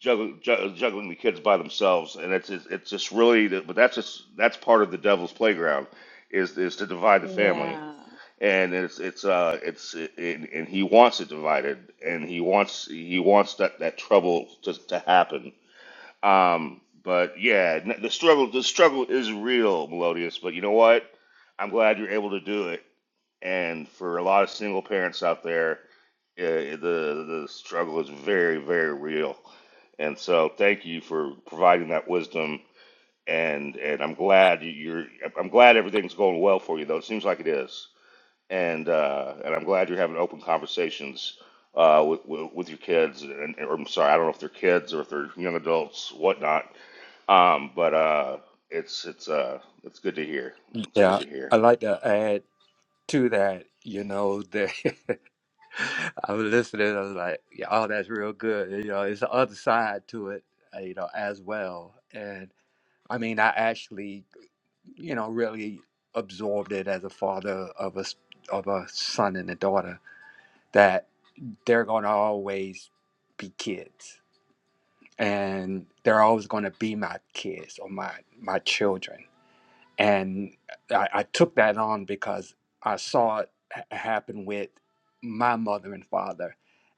S5: juggling, ju- juggling the kids by themselves and it's it's it's just really but that's just that's part of the devil's playground is is to divide the family
S8: Yeah.
S5: and it's it's uh it's and, and he wants it divided and he wants he wants that that trouble to to happen um but yeah n- the struggle the struggle is real melodious but you know what i'm glad you're able to do it and for a lot of single parents out there uh, the the struggle is very very real and so thank you for providing that wisdom and and i'm glad you- you're i'm glad everything's going well for you though it seems like it is and uh, and I'm glad you're having open conversations uh, with, with with your kids. And or I'm sorry, I don't know if they're kids or if they're young adults, whatnot. Um, but uh, it's it's uh, it's good to hear. It's good
S6: Yeah.
S5: to hear.
S6: I like to add to that. You know that. I'm listening. I was like, yeah, oh, that's real good. You know, it's the other side to it, uh, you know, as well. And I mean, I actually, you know, really absorbed it as a father of a s- of a son and a daughter that they're going to always be kids, and they're always going to be my kids or my my children and I, I took that on because I saw it ha- happen with my mother and father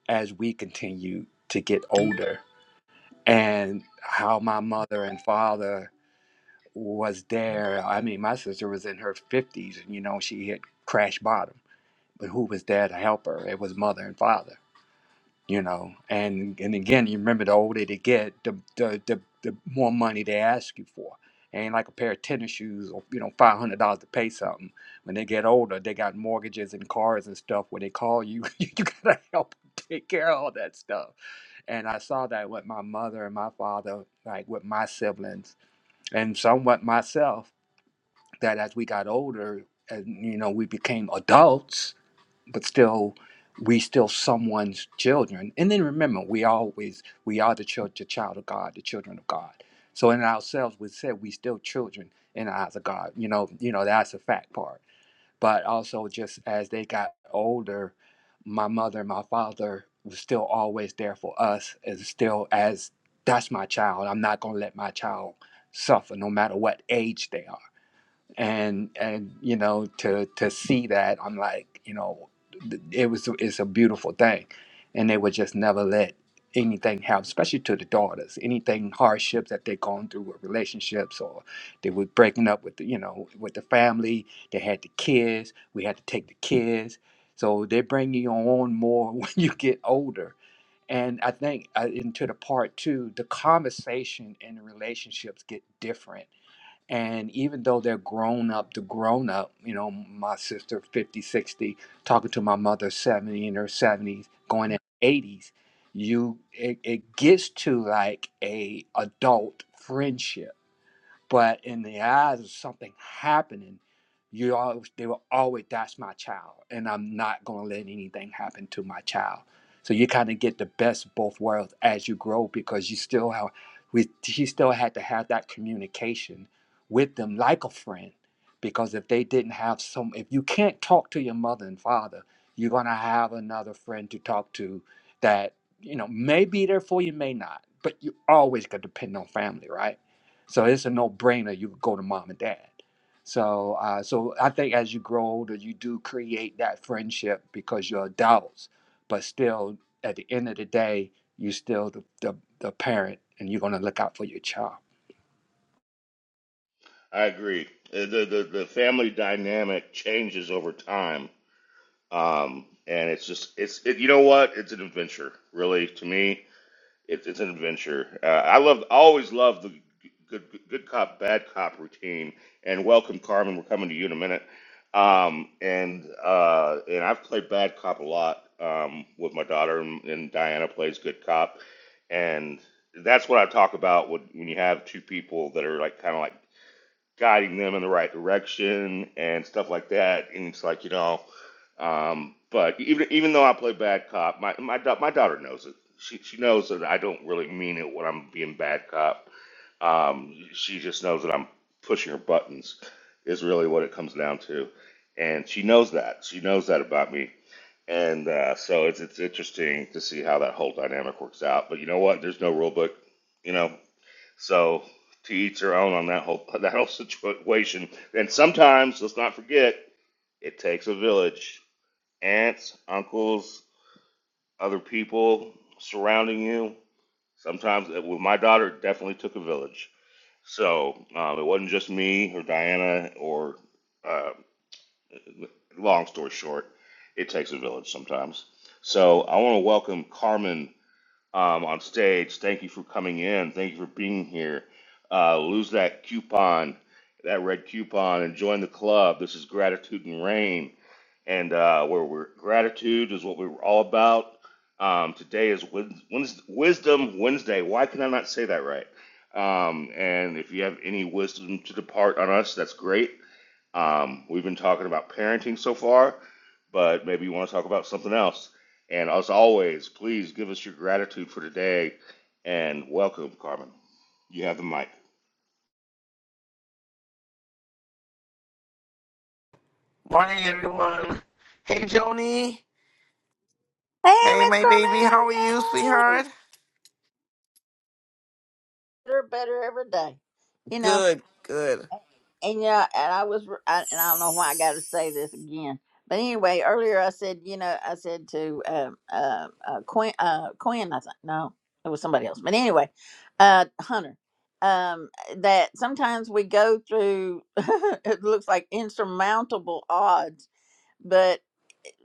S6: as we continue to get older, and how my mother and father was there. I mean, my sister was in her fifties, and you know she had crashed bottom, but who was there to help her? It was mother and father you know and and again you remember the older they get the the the, the more money they ask you for ain't like a pair of tennis shoes or you know five hundred dollars to pay something when they get older they got mortgages and cars and stuff where they call you you gotta help take care of all that stuff and i saw that with my mother and my father like with my siblings and somewhat myself that as we got older and you know we became adults but still we still someone's children and then remember we always we are the church the child of god the children of god so in ourselves we said we still children in the eyes of god you know you know that's a fact part but also just as they got older my mother and my father was still always there for us and still as that's my child i'm not going to let my child suffer no matter what age they are and and you know to to see that i'm like you know th- it was it's a beautiful thing and they would just never let anything happen especially to the daughters anything hardships that they're going through with relationships or they were breaking up with the, you know with the family they had the kids we had to take the kids so they bring you on more when you get older and i think uh, into the part two the conversation and the relationships get different and even though they're grown up the grown up you know my sister 50, 60, talking to my mother 70 in her 70s going in 80s you it, it gets to like a adult friendship but in the eyes of something happening, you always they were always that's my child, and I'm not gonna let anything happen to my child. So you kind of get the best of both worlds as you grow because you still have we she still had to have that communication with them like a friend. Because if they didn't have some if you can't talk to your mother and father, you're gonna have another friend to talk to that, you know, may be there for you, may not, but you always gotta depend on family, right? So it's a no-brainer. You go to mom and dad. So, uh, so I think as you grow older, you do create that friendship because you're adults. But still, at the end of the day, you're still the, the, the parent, and you're gonna look out for your child.
S5: I agree. Uh, The the, the family dynamic changes over time, um, and it's just it's it, you know what? It's an adventure, really, to me. It's it's an adventure. Uh, I love I always love the good good cop bad cop routine. And welcome, Carmen. We're coming to you in a minute. Um, and uh, and I've played bad cop a lot um, with my daughter, and, and Diana plays good cop. And that's what I talk about when, when you have two people that are like kind of like guiding them in the right direction and stuff like that. And it's like, you know, um, but even even though I play bad cop, my my da- my daughter knows it. She she knows that I don't really mean it when I'm being bad cop. Um, she just knows that I'm pushing her buttons is really what it comes down to, and she knows that. She knows that about me. And uh, so it's it's interesting to see how that whole dynamic works out. But you know what? There's no rule book, you know. So to each their own on that whole that whole situation. And sometimes, let's not forget, it takes a village. Aunts, uncles, other people surrounding you. Sometimes, with my daughter, it definitely took a village. So um, it wasn't just me or Diana or. Uh, long story short, it takes a village sometimes. So I want to welcome Carmen um, on stage. Thank you for coming in. Thank you for being here. Uh, lose that coupon, that red coupon, and join the club. This is Gratitude and Rain. And uh, where we're, gratitude is what we were all about. Um, today is Wed- Wednes- Wisdom Wednesday. Why can I not say that right? Um, and if you have any wisdom to depart on us, that's great. Um, we've been talking about parenting so far, but maybe you want to talk about something else. And as always, please give us your gratitude for today, and welcome, Carmen. You have the mic.
S9: Morning, everyone. Hey, Joni.
S1: Hey,
S9: Hey,
S1: Miss
S9: my baby.
S1: Carmen.
S9: How are you,
S1: Yeah.
S9: sweetheart?
S1: Better, better every day. You know,
S9: Good, good.
S1: and yeah, and I was, I, and I don't know why I got to say this again. But anyway, earlier I said, you know, I said to um, uh, uh, Quinn, uh, Quinn, I think, no, it was somebody else. But anyway, uh, Hunter, um, that sometimes we go through, it looks like insurmountable odds, but.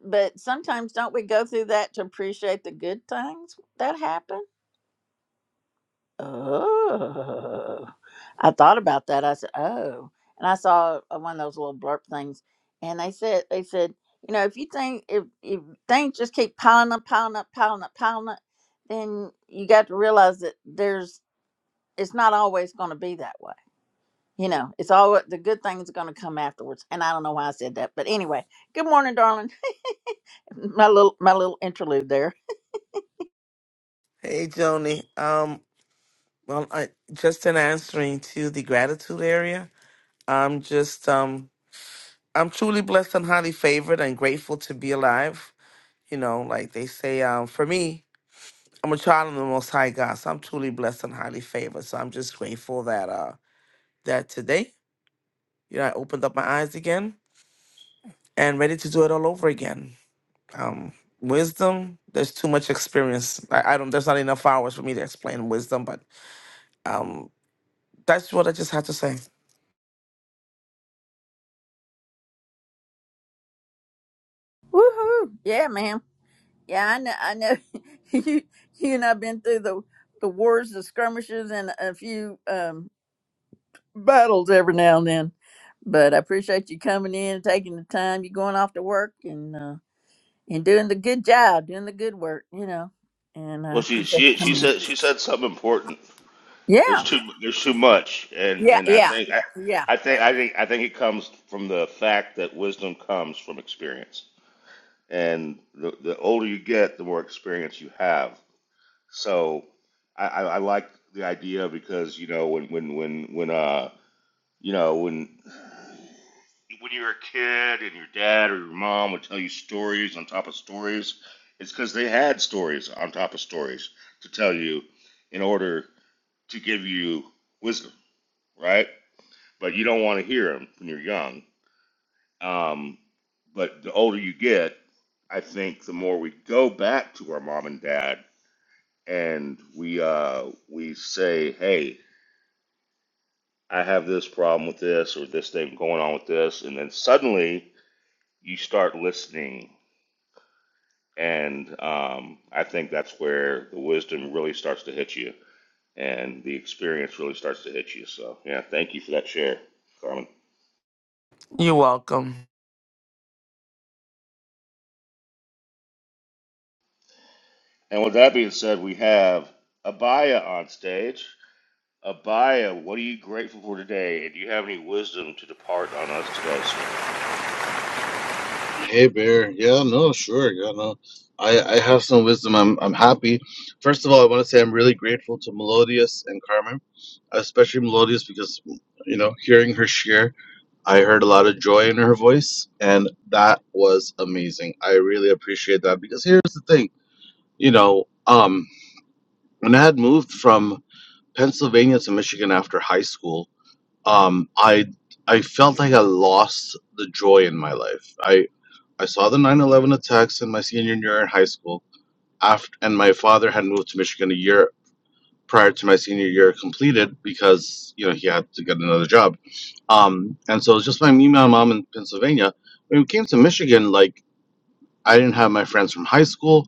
S1: but sometimes don't we go through that to appreciate the good things that happen? Oh, I thought about that. I said, oh, and I saw uh, one of those little blurb things, and they said, they said, you know, if you think if if things just keep piling up, piling up, piling up, piling up, then you got to realize that there's it's not always going to be that way. You know, it's all the good things are going to come afterwards. And I don't know why I said that, but anyway, good morning, darling. My little my little interlude there.
S9: Hey, Joni. Um, well, I just in answering to the gratitude area, I'm just um, I'm truly blessed and highly favored and grateful to be alive. You know, like they say, um, for me, I'm a child of the Most High God, so I'm truly blessed and highly favored. So I'm just grateful that uh that today, you know, I opened up my eyes again and ready to do it all over again. Um, wisdom, there's too much experience. I, I don't. There's not enough hours for me to explain wisdom, but um, that's what I just had to say.
S1: Woohoo! Yeah, ma'am. Yeah, I know. I know. you, you and I've been through the the wars, the skirmishes, and a few um, battles every now and then. But I appreciate you coming in, taking the time. You going off to work and uh, and doing the good job, doing the good work. You know, and
S5: Well,
S1: I
S5: she
S1: appreciate you
S5: she she
S1: coming.
S5: said she said something important.
S1: In. Yeah.
S5: There's too there's too much, and
S1: Yeah,
S5: and I
S1: yeah,
S5: think I,
S1: yeah.
S5: I think I think I think it comes from the fact that wisdom comes from experience, and the the older you get, the more experience you have, So I, I, I like the idea because you know when when when when uh you know when when you were a kid and your dad or your mom would tell you stories on top of stories, it's because they had stories on top of stories to tell you in order to give you wisdom, right? But you don't want to hear them when you're young. Um, but the older you get, I think the more we go back to our mom and dad and we uh, we say, "Hey, I have this problem with this or this thing going on with this," and then suddenly you start listening, and um, I think that's where the wisdom really starts to hit you, and the experience really starts to hit you. So, yeah, thank you for that share, Carmen.
S9: You're welcome.
S5: And with that being said, we have Abaya on stage. Abaya, what are you grateful for today? And do you have any wisdom to depart on us today, sir?
S10: Hey Bear, yeah, no, sure, yeah, no, I I have some wisdom. I'm I'm happy. First of all, I want to say I'm really grateful to Melodious and Carmen, especially Melodious because you know hearing her share, I heard a lot of joy in her voice, and that was amazing. I really appreciate that because here's the thing, you know, um, when I had moved from Pennsylvania to Michigan after high school, um, I I felt like I lost the joy in my life. I saw the 9 11 attacks in my senior year in high school, after, and my father had moved to Michigan a year prior to my senior year completed because you know he had to get another job. Um, and so it was just my me, my mom in Pennsylvania. When we came to Michigan, like I didn't have my friends from high school,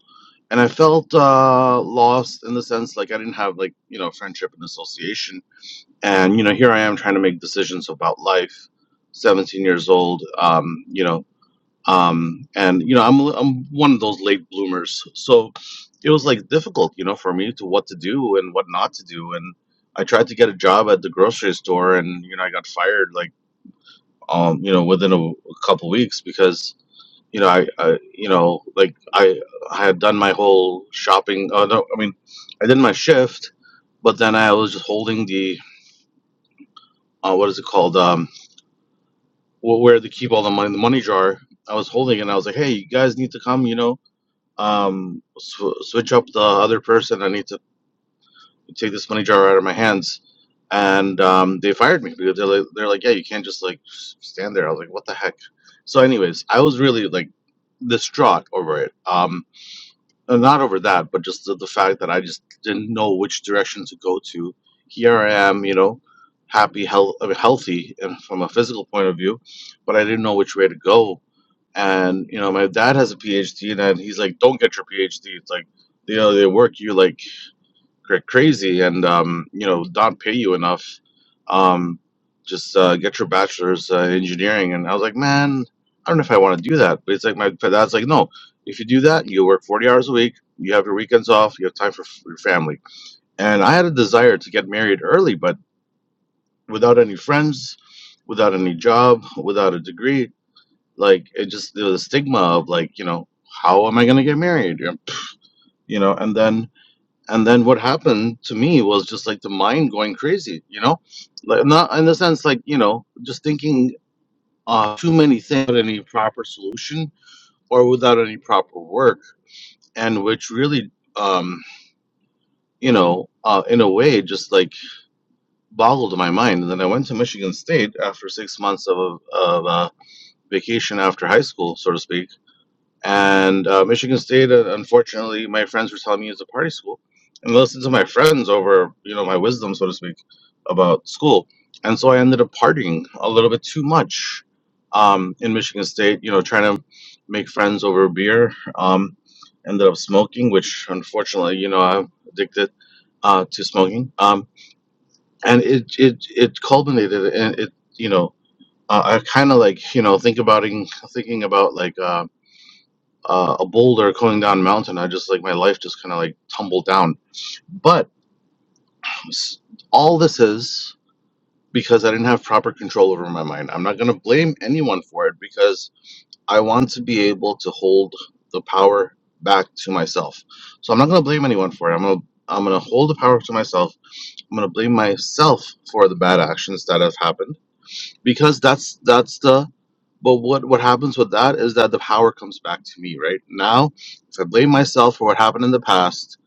S10: and I felt uh, lost in the sense like I didn't have like you know friendship and association. And you know here I am trying to make decisions about life, 17 years old. Um, you know um and you know i'm i'm one of those late bloomers so it was like difficult you know for me to what to do and what not to do and i tried to get a job at the grocery store and you know i got fired like um you know within a, a couple weeks because you know I, I you know like i i had done my whole shopping uh, no, i mean i did my shift but then i was just holding the uh, what is it called um wh- where they keep all the money the money jar i was holding it and i was like hey you guys need to come you know um, sw- switch up the other person. I need to take this money jar out of my hands. And um, they fired me because they're like, they're like, yeah, you can't just like s- stand there. I was like, what the heck? So, anyways, I was really like distraught over it. Um, uh, not over that, but just the, the fact that I just didn't know which direction to go to. Here I am, you know, happy, health, healthy, and from a physical point of view, but I didn't know which way to go and you know, my dad has a PhD, and he's like, "Don't get your PhD. It's like, you know, they work you like cra- crazy, and um, you know, don't pay you enough. Um, just uh, get your bachelor's uh, in engineering." And I was like, "Man, I don't know if I want to do that." But it's like my dad's like, "No, if you do that, you work forty hours a week. You have your weekends off. You have time for f- your family." And I had a desire to get married early, but without any friends, without any job, without a degree like it just there was a stigma of like, you know, how am I gonna get married? You know, and then and then what happened to me was just like the mind going crazy, you know? Like not in the sense like, you know, just thinking uh too many things without any proper solution or without any proper work and which really um you know, uh, in a way, just like boggled my mind. And then I went to Michigan State after six months of, of uh, vacation after high school, so to speak And uh, Michigan State, uh, unfortunately, my friends were telling me is a party school, and I listened to my friends over, you know, my wisdom, so to speak, about school. And so I ended up partying a little bit too much um, in Michigan State, you know, trying to make friends over beer. Um, ended up smoking, which unfortunately, you know, I'm addicted uh, to smoking. Um, and it it it culminated, and it you know, uh, I kind of like you know think about thinking about like. uh, uh, a boulder going down a mountain. I just like my life just kind of like tumbled down. But s- all this is because I didn't have proper control over my mind. I'm not going to blame anyone for it because I want to be able to hold the power back to myself. So I'm not going to blame anyone for it. I'm going to I'm going to hold the power to myself. I'm going to blame myself for the bad actions that have happened because that's that's the But what, what happens with that is that the power comes back to me, right? Now, if I blame myself for what happened in the past,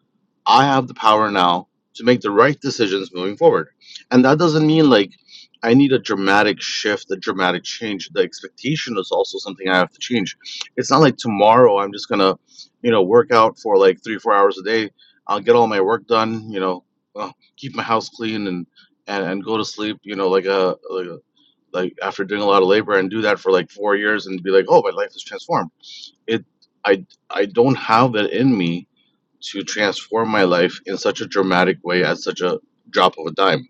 S10: I have the power now to make the right decisions moving forward. And that doesn't mean like I need a dramatic shift, a dramatic change. The expectation is also something I have to change. It's not like tomorrow I'm just gonna, you know, work out for like three, four hours a day. I'll get all my work done, you know, uh, keep my house clean and, and, and go to sleep, you know, like a, like a like after doing a lot of labor and do that for like four years and be like, oh, my life is transformed. It, I, I don't have that in me to transform my life in such a dramatic way at such a drop of a dime.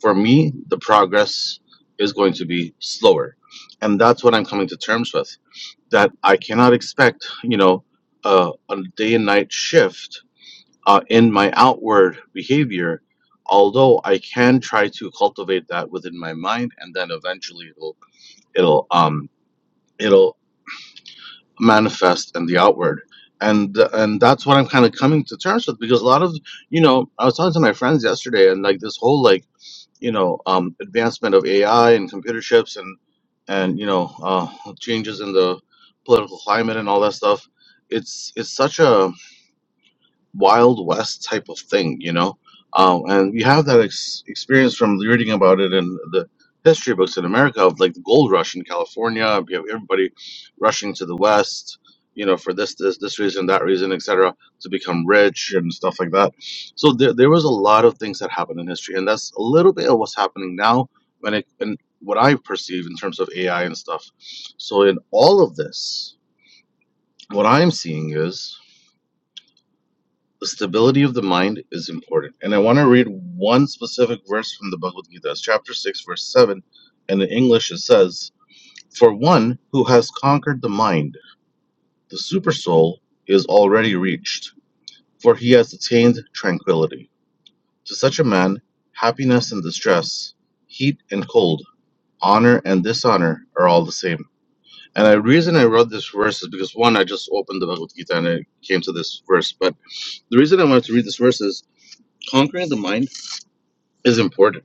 S10: For me, the progress is going to be slower, and that's what I'm coming to terms with. That I cannot expect, you know, a, a day and night shift uh, in my outward behavior. Although I can try to cultivate that within my mind, and then eventually it'll it'll um it'll manifest in the outward and and that's what i'm kind of coming to terms with because a lot of you know i was talking to my friends yesterday and like this whole like you know um advancement of ai and computer chips and and you know uh changes in the political climate and all that stuff it's it's such a Wild West type of thing, you know. Um, and we have that ex- experience from reading about it in the history books in America of like the gold rush in California. We have everybody rushing to the West, you know, for this, this, this reason, that reason, etc., to become rich and stuff like that. So there, there was a lot of things that happened in history, and that's a little bit of what's happening now when it and what I perceive in terms of AI and stuff. So in all of this, what I'm seeing is the stability of the mind is important. And I want to read one specific verse from the Bhagavad Gita, It's chapter 6, verse 7. And in English, it says, For one who has conquered the mind, the supersoul is already reached, for he has attained tranquility. To such a man, happiness and distress, heat and cold, honor and dishonor are all the same. And the reason I wrote this verse is because one, I just opened the Bhagavad Gita and I came to this verse. But the reason I wanted to read this verse is conquering the mind is important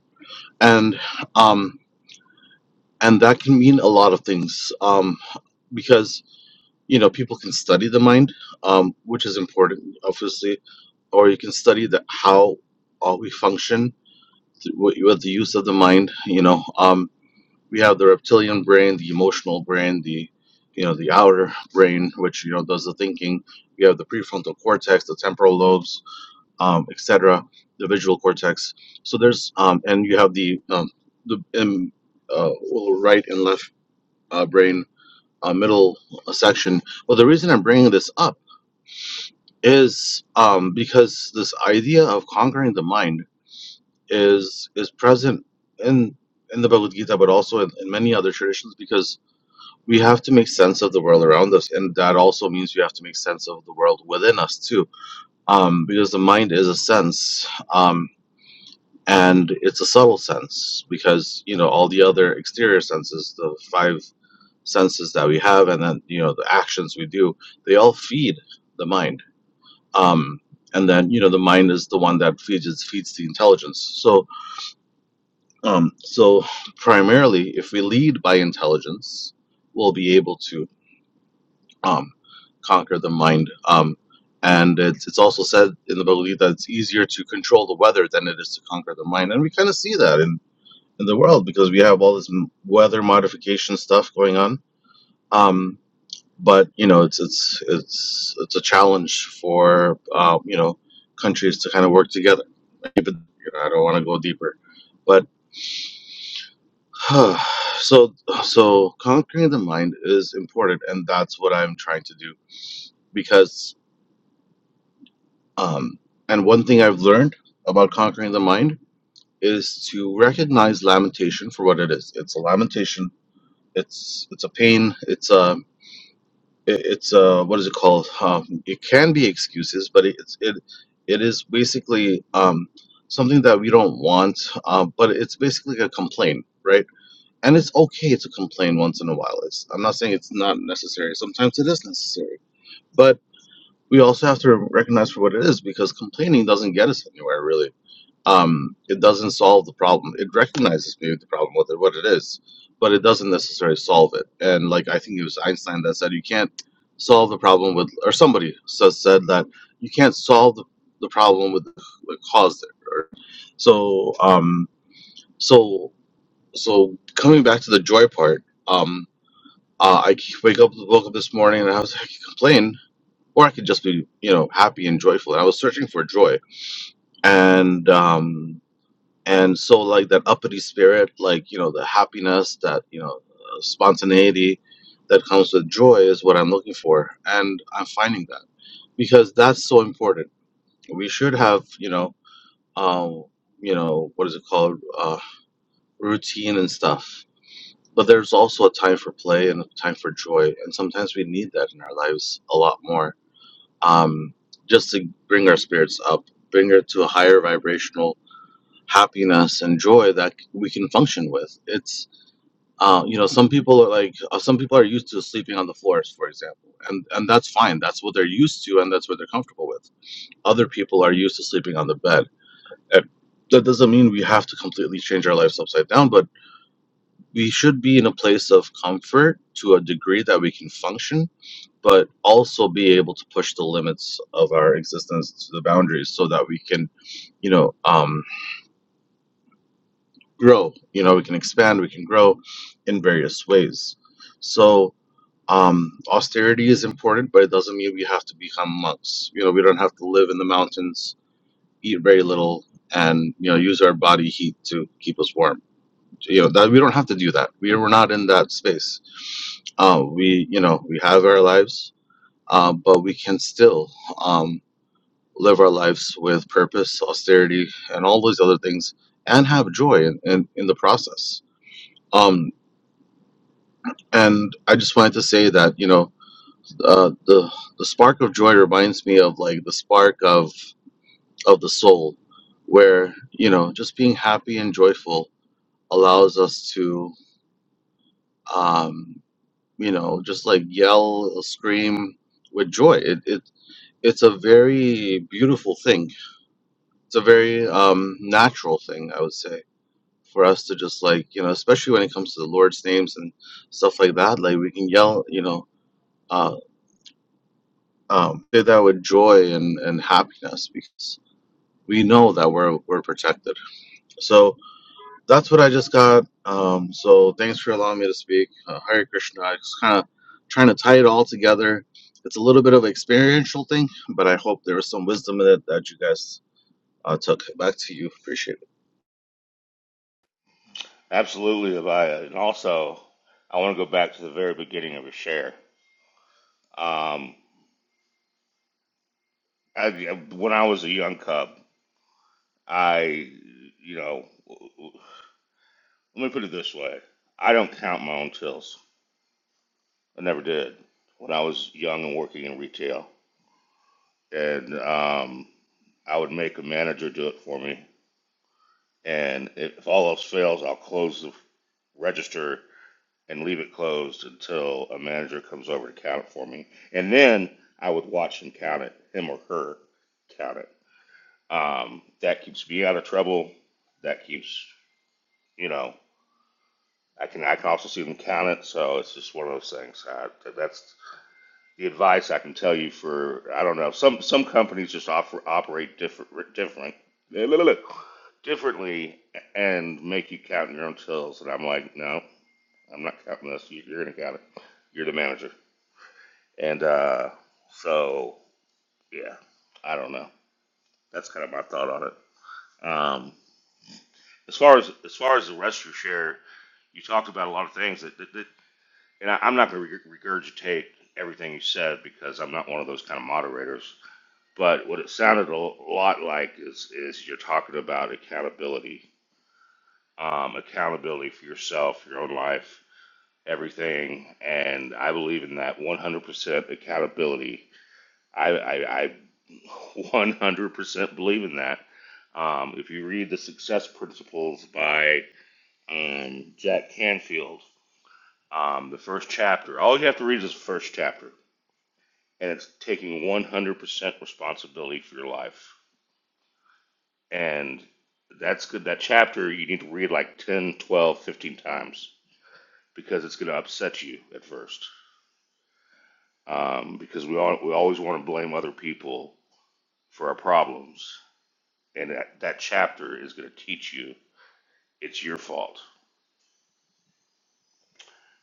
S10: and um and that can mean a lot of things um because you know people can study the mind um which is important obviously or you can study the how uh, we function th- with with the use of the mind you know um we have the reptilian brain the emotional brain the you know the outer brain which you know does the thinking we have the prefrontal cortex the temporal lobes um, etc., the visual cortex. So there's um, and you have the um, the um, uh, well, right and left uh, brain uh, middle uh, section. Well, the reason I'm bringing this up is um, because this idea of conquering the mind is is present in in the Bhagavad Gita, but also in, in many other traditions, because we have to make sense of the world around us, and that also means we have to make sense of the world within us too, um, because the mind is a sense, um, and it's a subtle sense because you know all the other exterior senses the five senses that we have and then you know the actions we do they all feed the mind um and then you know the mind is the one that feeds it feeds the intelligence so um so primarily if we lead by intelligence we'll be able to um conquer the mind um and it's, it's also said in the Bhagavad Gita that it's easier to control the weather than it is to conquer the mind. And we kind of see that in. in the world because we have all this m- weather modification stuff going on. Um, but you know, it's it's it's it's a challenge for uh, you know countries to kind of work together. But, you know, I don't want to go deeper, but so so conquering the mind is important, and that's what I'm trying to do because um, and one thing I've learned about conquering the mind is to recognize lamentation for what it is. It's a lamentation. It's it's a pain. It's a it- it's uh what is it called um it can be excuses but it- it's it it is basically um something that we don't want uh, but it's basically a complaint right and it's okay to complain once in a while it's i'm not saying it's not necessary sometimes it is necessary but we also have to recognize for what it is because complaining doesn't get us anywhere really um, it doesn't solve the problem. It recognizes maybe the problem with it, what it is, but it doesn't necessarily solve it. And like I think it was Einstein that said you can't solve the problem with, or somebody says said that you can't solve the, the problem with what caused it. Or, so um, so so coming back to the joy part, um, uh, I wake up woke up this morning and I was I could complain. Or I could just be, you know, happy and joyful. And I was searching for joy, and um, and so like that uppity spirit like you know the happiness that you know uh, spontaneity that comes with joy is what i'm looking for and i'm finding that because that's so important we should have you know um you know what is it called uh routine and stuff but there's also a time for play and a time for joy and sometimes we need that in our lives a lot more um just to bring our spirits up bring it to a higher vibrational happiness and joy that we can function with. It's uh, you know some people are like uh, some people are used to sleeping on the floors, for example, and and that's fine. That's what they're used to, and that's what they're comfortable with. Other people are used to sleeping on the bed. And that doesn't mean we have to completely change our lives upside down, but we should be in a place of comfort to a degree that we can function, but also be able to push the limits of our existence to the boundaries so that we can, you know, um, grow you know we can expand we can grow in various ways so um, austerity is important but it doesn't mean we have to become monks you know we don't have to live in the mountains eat very little and you know use our body heat to keep us warm you know that we don't have to do that we, we're not in that space uh, we you know we have our lives uh, but we can still um, live our lives with purpose austerity and all those other things and have joy in, in, in the process Um, And I just wanted to say that you know uh, the the spark of joy reminds me of like the spark of of the soul, where you know just being happy and joyful allows us to um, you know just like yell scream with joy. It, it it's a very beautiful thing. It's a very um, natural thing, I would say, for us to just like you know, especially when it comes to the Lord's names and stuff like that. Like we can yell, you know. uh, um, do that with joy and, and happiness because we know that we're we're protected. So that's what I just got. Um, so thanks for allowing me to speak. Uh, Hare Krishna. I just kind of trying to tie it all together. It's a little bit of an experiential thing, but I hope there was some wisdom in it that you guys uh, took. Back to you. Appreciate it.
S5: Absolutely, Abaya. And also, I want to go back to the very beginning of your share. Um, I, when I was a young cub, I, you know, let me put it this way I don't count my own tills. I never did. When I was young and working in retail, and um, I would make a manager do it for me. And if all else fails, I'll close the register and leave it closed until a manager comes over to count it for me. And then I would watch him count it, him or her count it. Um, that keeps me out of trouble. That keeps, you know, I can I can also see them count it. So it's just one of those things. I, that's the advice I can tell you for I don't know. Some some companies just offer, operate different different differently and make you count your own tills. And I'm like, no, I'm not counting this. You- You're gonna count it. You're the manager. And uh, so, yeah, I don't know. That's kind of my thought on it. Um, as far as as far as the rest of your share, you talked about a lot of things that, that, that and I, I'm not going to regurgitate everything you said because I'm not one of those kind of moderators. But what it sounded a lot like is is you're talking about accountability, um, accountability for yourself, your own life, everything, and I believe in that 100% accountability I, I, I 100% believe in that. Um, if you read the Success Principles by um, Jack Canfield, um, the first chapter, all you have to read is the first chapter, and it's taking 100% responsibility for your life. And that's good. That chapter you need to read like 10, 12, 15 times because it's going to upset you at first. Um, because we all, we always want to blame other people for our problems and that, that chapter is going to teach you it's your fault.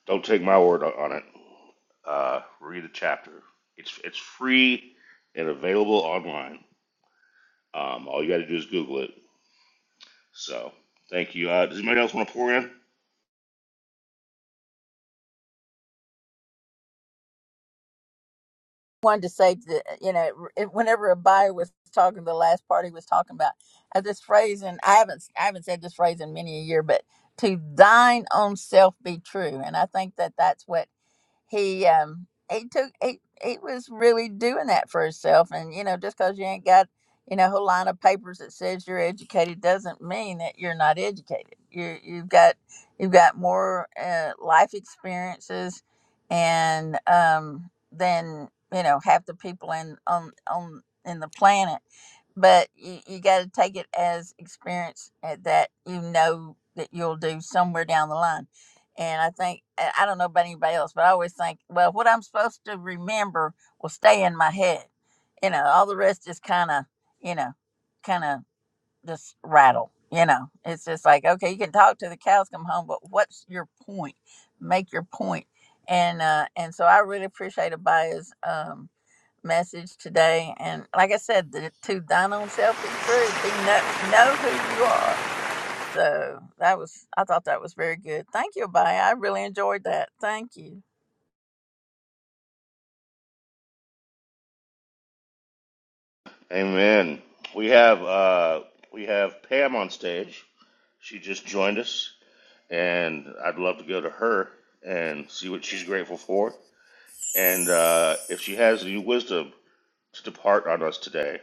S5: Don't take my word on it. Uh, read the chapter. It's it's free and available online. Um, all you got to do is Google it. So thank you. Uh, does anybody else want to pour in?
S1: wanted to say that you know it- whenever a buyer was talking the last part he was talking about uh, this phrase and i haven't i haven't said this phrase in many a year but to thine own self be true and i think that that's what he um he took he he was really doing that for himself and you know just because you ain't got you know a whole line of papers that says you're educated doesn't mean that you're not educated you you've got you've got more uh, life experiences and um than you know half the people in on on in the planet but you, you got to take it as experience eh, that you know that you'll do somewhere down the line. And I think, eh, I don't know about anybody else, but I always think, well, what I'm supposed to remember will stay in my head. You know, all the rest is kind of, you know, kind of just rattle. You know, it's just like, okay, you can talk to the cows come home, but what's your point? Make your point. And, uh, and so I really appreciate Abaya's, um, message today. And like I said, the, to thine own self be true. Be know, know who you are. So that was, I thought that was very good. Thank you, Abaya. I really enjoyed that. Thank you.
S5: Amen. We have uh, we have Pam on stage. She just joined us, and I'd love to go to her and see what she's grateful for, and uh, if she has any wisdom to depart on us today.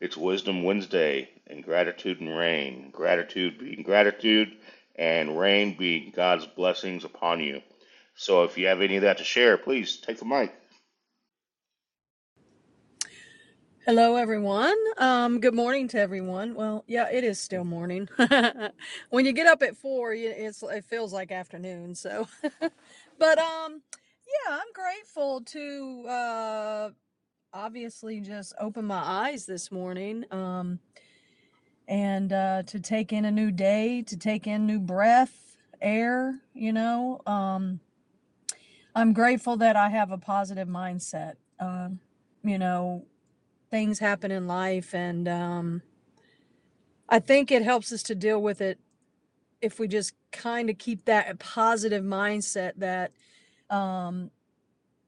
S5: It's Wisdom Wednesday, and gratitude and rain. Gratitude being gratitude, and rain being God's blessings upon you. So if you have any of that to share, please take the mic.
S11: Hello, everyone. Um, good morning to everyone. Well, yeah, it is still morning. when you get up at four, it's it feels like afternoon. So, but um, yeah, I'm grateful to uh, obviously just open my eyes this morning um, and uh, to take in a new day, to take in new breath, air. You know, um, I'm grateful that I have a positive mindset. Um, you know, things happen in life, and um, I think it helps us to deal with it if we just kind of keep that positive mindset that, um,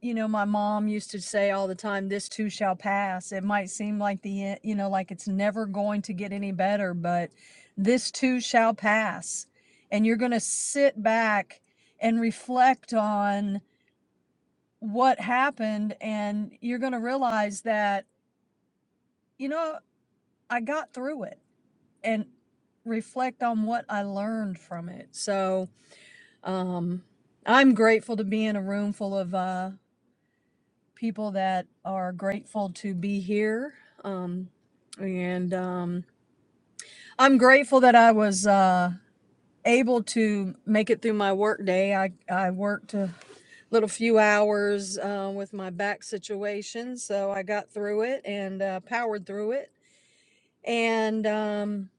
S11: you know, my mom used to say all the time, this too shall pass. It might seem like the, e- you know, like it's never going to get any better, but this too shall pass. And you're going to sit back and reflect on what happened. And you're going to realize that, you know, I got through it and reflect on what I learned from it. So, Um, I'm grateful to be in a room full of uh, people that are grateful to be here. Um, and um, I'm grateful that I was uh, able to make it through my work day. I, I worked a little few hours uh, with my back situation, so I got through it and uh, powered through it. And um,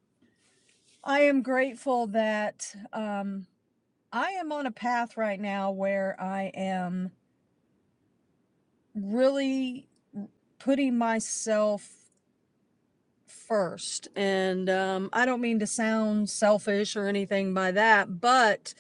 S11: I am grateful that um, I am on a path right now where I am really putting myself first. And um, I don't mean to sound selfish or anything by that, but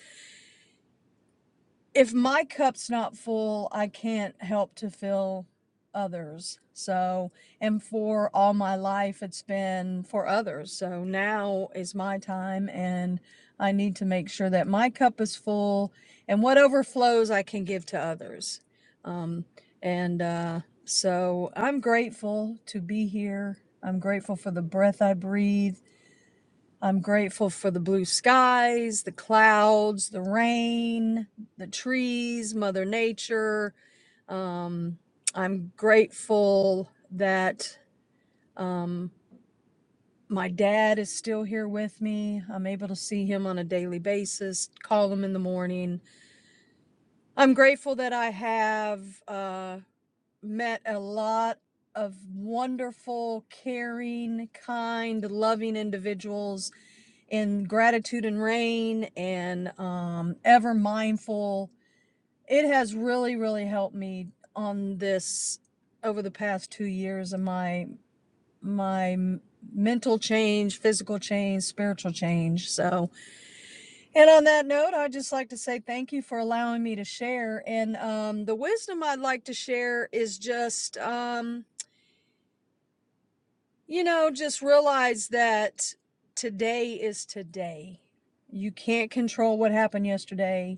S11: if my cup's not full, I can't help to fill others. So, and for all my life, it's been for others. So now is my time, and I need to make sure that my cup is full and what overflows I can give to others. Um, and uh, so I'm grateful to be here. I'm grateful for the breath I breathe. I'm grateful for the blue skies, the clouds, the rain, the trees, Mother Nature. Um, I'm grateful that um, my dad is still here with me. I'm able to see him on a daily basis, call him in the morning. I'm grateful that I have uh, met a lot of wonderful, caring, kind, loving individuals in Gratitude and Rain and um, Ever Mindful. It has really, really helped me on this over the past two years of my my mental change, physical change, spiritual change. So, and on that note, I'd just like to say thank you for allowing me to share. And um, the wisdom I'd like to share is just um, you know, just realize that today is today. You can't control what happened yesterday.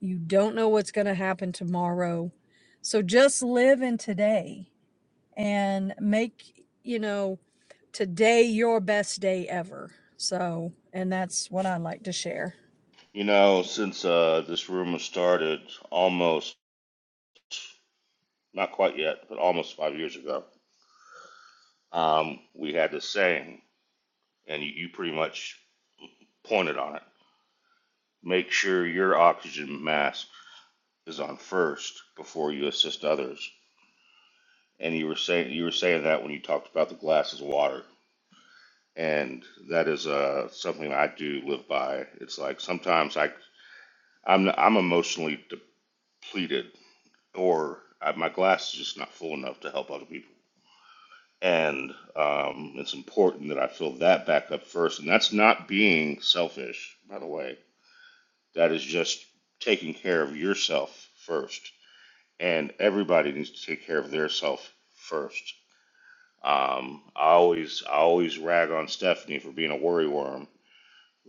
S11: You don't know what's going to happen tomorrow. So just live in today and make, you know, today your best day ever. So, and that's what I like to share.
S5: You know, since uh, this room was started almost, not quite yet, but almost five years ago, um, we had this saying, and you, you pretty much pointed on it. Make sure your oxygen mask is on first before you assist others and you were saying you were saying that when you talked about the glass is water, and that is uh, something I do live by. It's like sometimes I I'm I'm emotionally depleted, or I, my glass is just not full enough to help other people, and um, it's important that I fill that back up first. And that's not being selfish, by the way. That is just taking care of yourself first, and everybody needs to take care of their self first Um, I always I always rag on Stephanie for being a worry worm,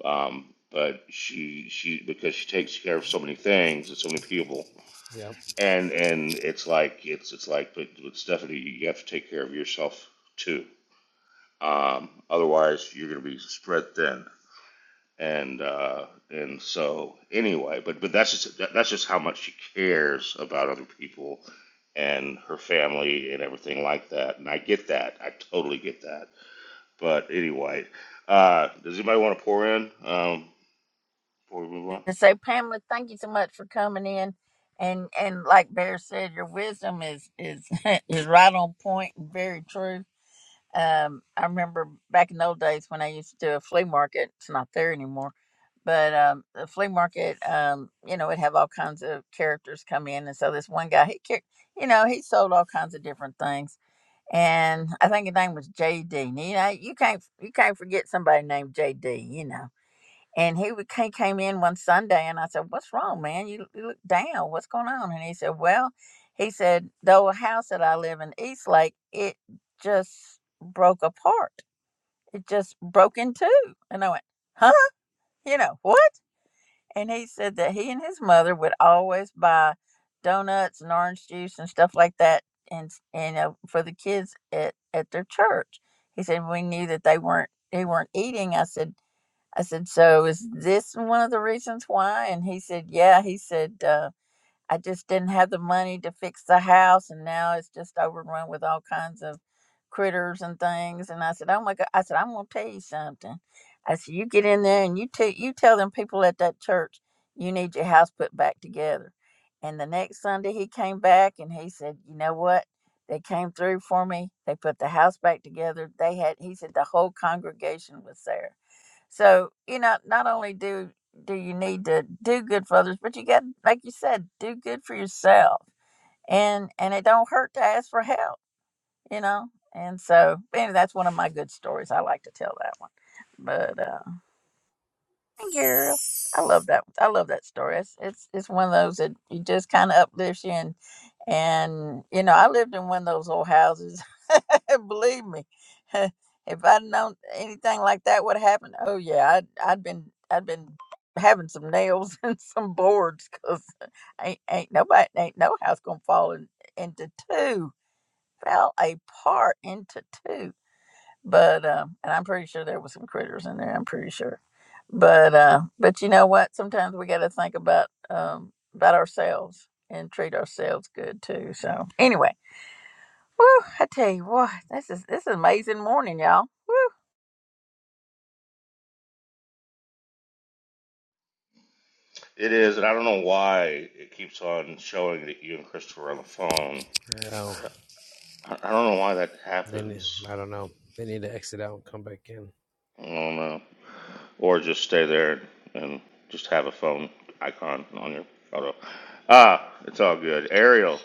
S5: um, but she she because she takes care of so many things and so many people,
S12: Yep.
S5: and and it's like it's it's like but with Stephanie you have to take care of yourself too. Um, otherwise you're gonna be spread thin, and uh, and so anyway, but but that's just that, that's just how much she cares about other people and her family and everything like that, and I get that. I totally get that but anyway, uh, does anybody want to pour in um, before we move on?
S1: And so, Pamela, thank you so much for coming in. And and like Bear said, your wisdom is is is right on point and very true Um, I remember back in the old days when I used to do a flea market. It's not there anymore, but um, the flea market, um, you know, it have all kinds of characters come in, and so this one guy, he, car- you know, he sold all kinds of different things, and I think his name was JD. And, You know, you can't you can't forget somebody named JD. You know, and he would- he came in one Sunday, and I said, "What's wrong, man? You, you look down. What's going on?" And he said, "Well," he said, "the old house that I live in, Eastlake it just broke apart. It just broke in two." And I went, "Huh? You know what?" And he said that he and his mother would always buy donuts and orange juice and stuff like that, and and uh, for the kids at at their church. He said we knew that they weren't they weren't eating. I said. I said, So is this one of the reasons why? And he said, Yeah. He said, uh, I just didn't have the money to fix the house. And now it's just overrun with all kinds of critters and things. And I said, Oh my God. I said, I'm going to tell you something. I said, You get in there and you, te- you tell them people at that church you need your house put back together. And the next Sunday he came back and he said, You know what? They came through for me. They put the house back together. They had, he said, the whole congregation was there so you know, not only do do you need to do good for others, but you got, like you said, do good for yourself, and and it don't hurt to ask for help, you know. And so, anyway, that's one of my good stories. I like to tell that one. But uh, thank you. Ariel. I love that. I love that story. It's it's, it's one of those that you just kind of uplifts you and. And you know, I lived in one of those old houses. Believe me, if I'd known anything like that would happen, oh yeah, I'd I'd been I'd been having some nails and some boards because ain't ain't nobody ain't no house gonna fall in, into two. Fell apart into two but um and i'm pretty sure there was some critters in there i'm pretty sure but uh but you know what sometimes we got to think about um about ourselves and treat ourselves good too so anyway woo! i tell you what this is this is amazing morning y'all Woo!
S5: It is, and I don't know why it keeps on showing that you and Christopher are on the phone.
S12: I know.
S5: I, I I don't know why that
S12: Then
S5: happens.
S12: I don't know. They need to exit out and come back in.
S5: I don't know. Or just stay there and just have a phone icon on your photo. Ah, it's all good. Ariel,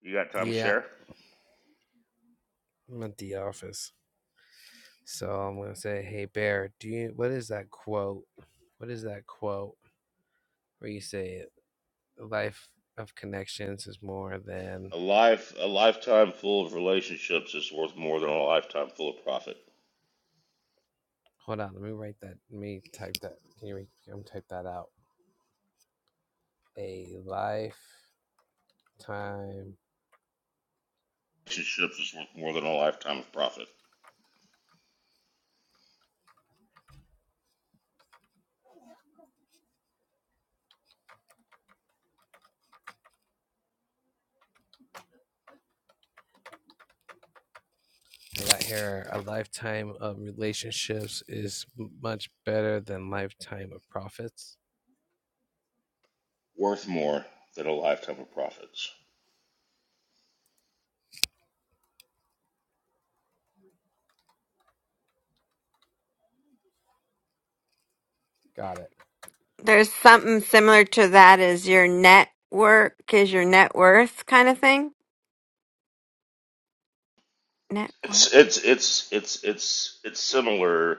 S5: you got time to
S12: Yeah,
S5: share?
S12: I'm at the office. So I'm gonna say, "Hey Bear, do you? What is that quote? What is that quote where you say life of connections is more
S5: A
S12: than?
S5: life, a lifetime full of relationships is worth more than a lifetime full of profit.
S12: Hold on, let me write that. Let me type that. Can you? I'm type that out. A lifetime.
S5: Relationships is worth more than a lifetime of profit.
S12: I got here. A lifetime of relationships is much better than lifetime of profits.
S5: worth more than a lifetime of profits.
S12: Got it.
S4: There's something similar to that is your network is your net worth kind of thing. Network.
S5: It's it's it's it's it's it's similar.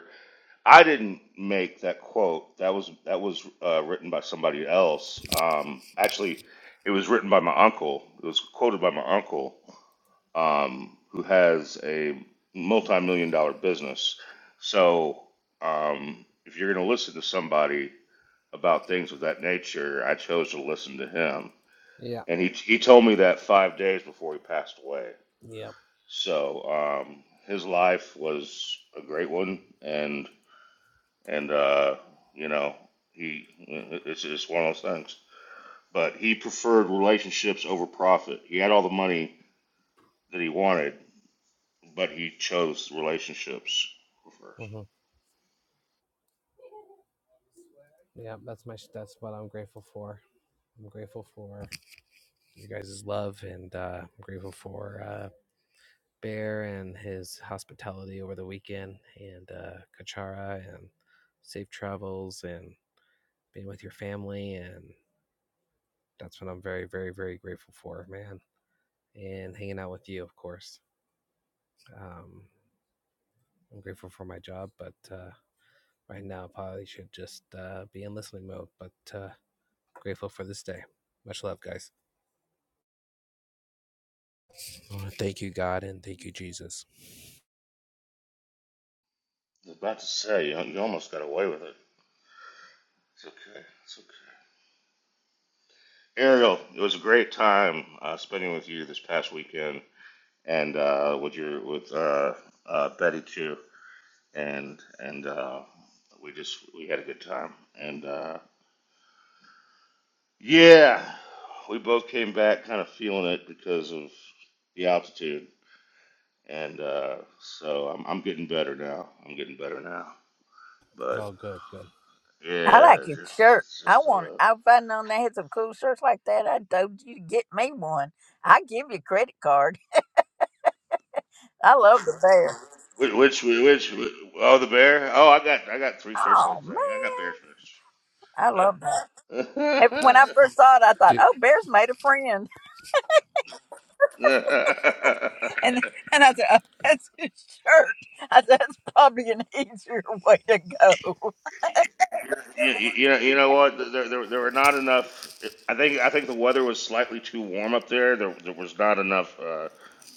S5: I didn't make that quote. That was that was uh, written by somebody else. Um, actually, it was written by my uncle. It was quoted by my uncle, um, who has a multi-million dollar business. So, um, if you're going to listen to somebody about things of that nature, I chose to listen to him,
S12: Yeah.
S5: and he he told me that five days before he passed away.
S12: Yep.
S5: So um, his life was a great one, and and uh, you know he it's just one of those things. But he preferred relationships over profit. He had all the money that he wanted, but he chose relationships first.
S12: hmm Yeah, that's my that's what I'm grateful for. I'm grateful for you guys' love, and uh, I'm grateful for uh, Bear and his hospitality over the weekend, and uh, Kachara and safe travels, and being with your family, and that's what I'm very, very, very grateful for, man. And hanging out with you, of course. Um, I'm grateful for my job, but uh, right now probably should just uh, be in listening mode, but uh, grateful for this day. Much love, guys. Uh, Thank you, God, and thank you, Jesus.
S5: I was about to say you, you almost got away with it. It's okay. It's okay. Ariel, it was a great time uh, spending with you this past weekend, and uh, with your with uh, uh, Betty too. and and uh, we just we had a good time. And uh, yeah, we both came back kind of feeling it because of the altitude, and uh, so I'm I'm getting better now. I'm getting better now. But
S12: Oh, good, good.
S1: i
S5: yeah,
S1: like
S5: it's
S1: your
S5: just
S1: shirt
S5: it's
S1: i
S5: just
S1: want
S5: uh,
S1: i've found known they had some cool shirts like that i told you to get me one i give you a credit card i love the bear
S5: which which which oh the bear oh I got I got three shirts
S1: oh
S5: like
S1: man
S5: that. Yeah, I got bear
S1: i love that And when i
S5: shirts.
S1: first saw it i thought
S12: Dude,
S1: oh bear's made a friend And and I said, oh, that's his shirt. I said, that's probably an easier way to go.
S5: You, you know, you know what? There, there, there were not enough. I think, I think the weather was slightly too warm up there. There, there was not enough uh,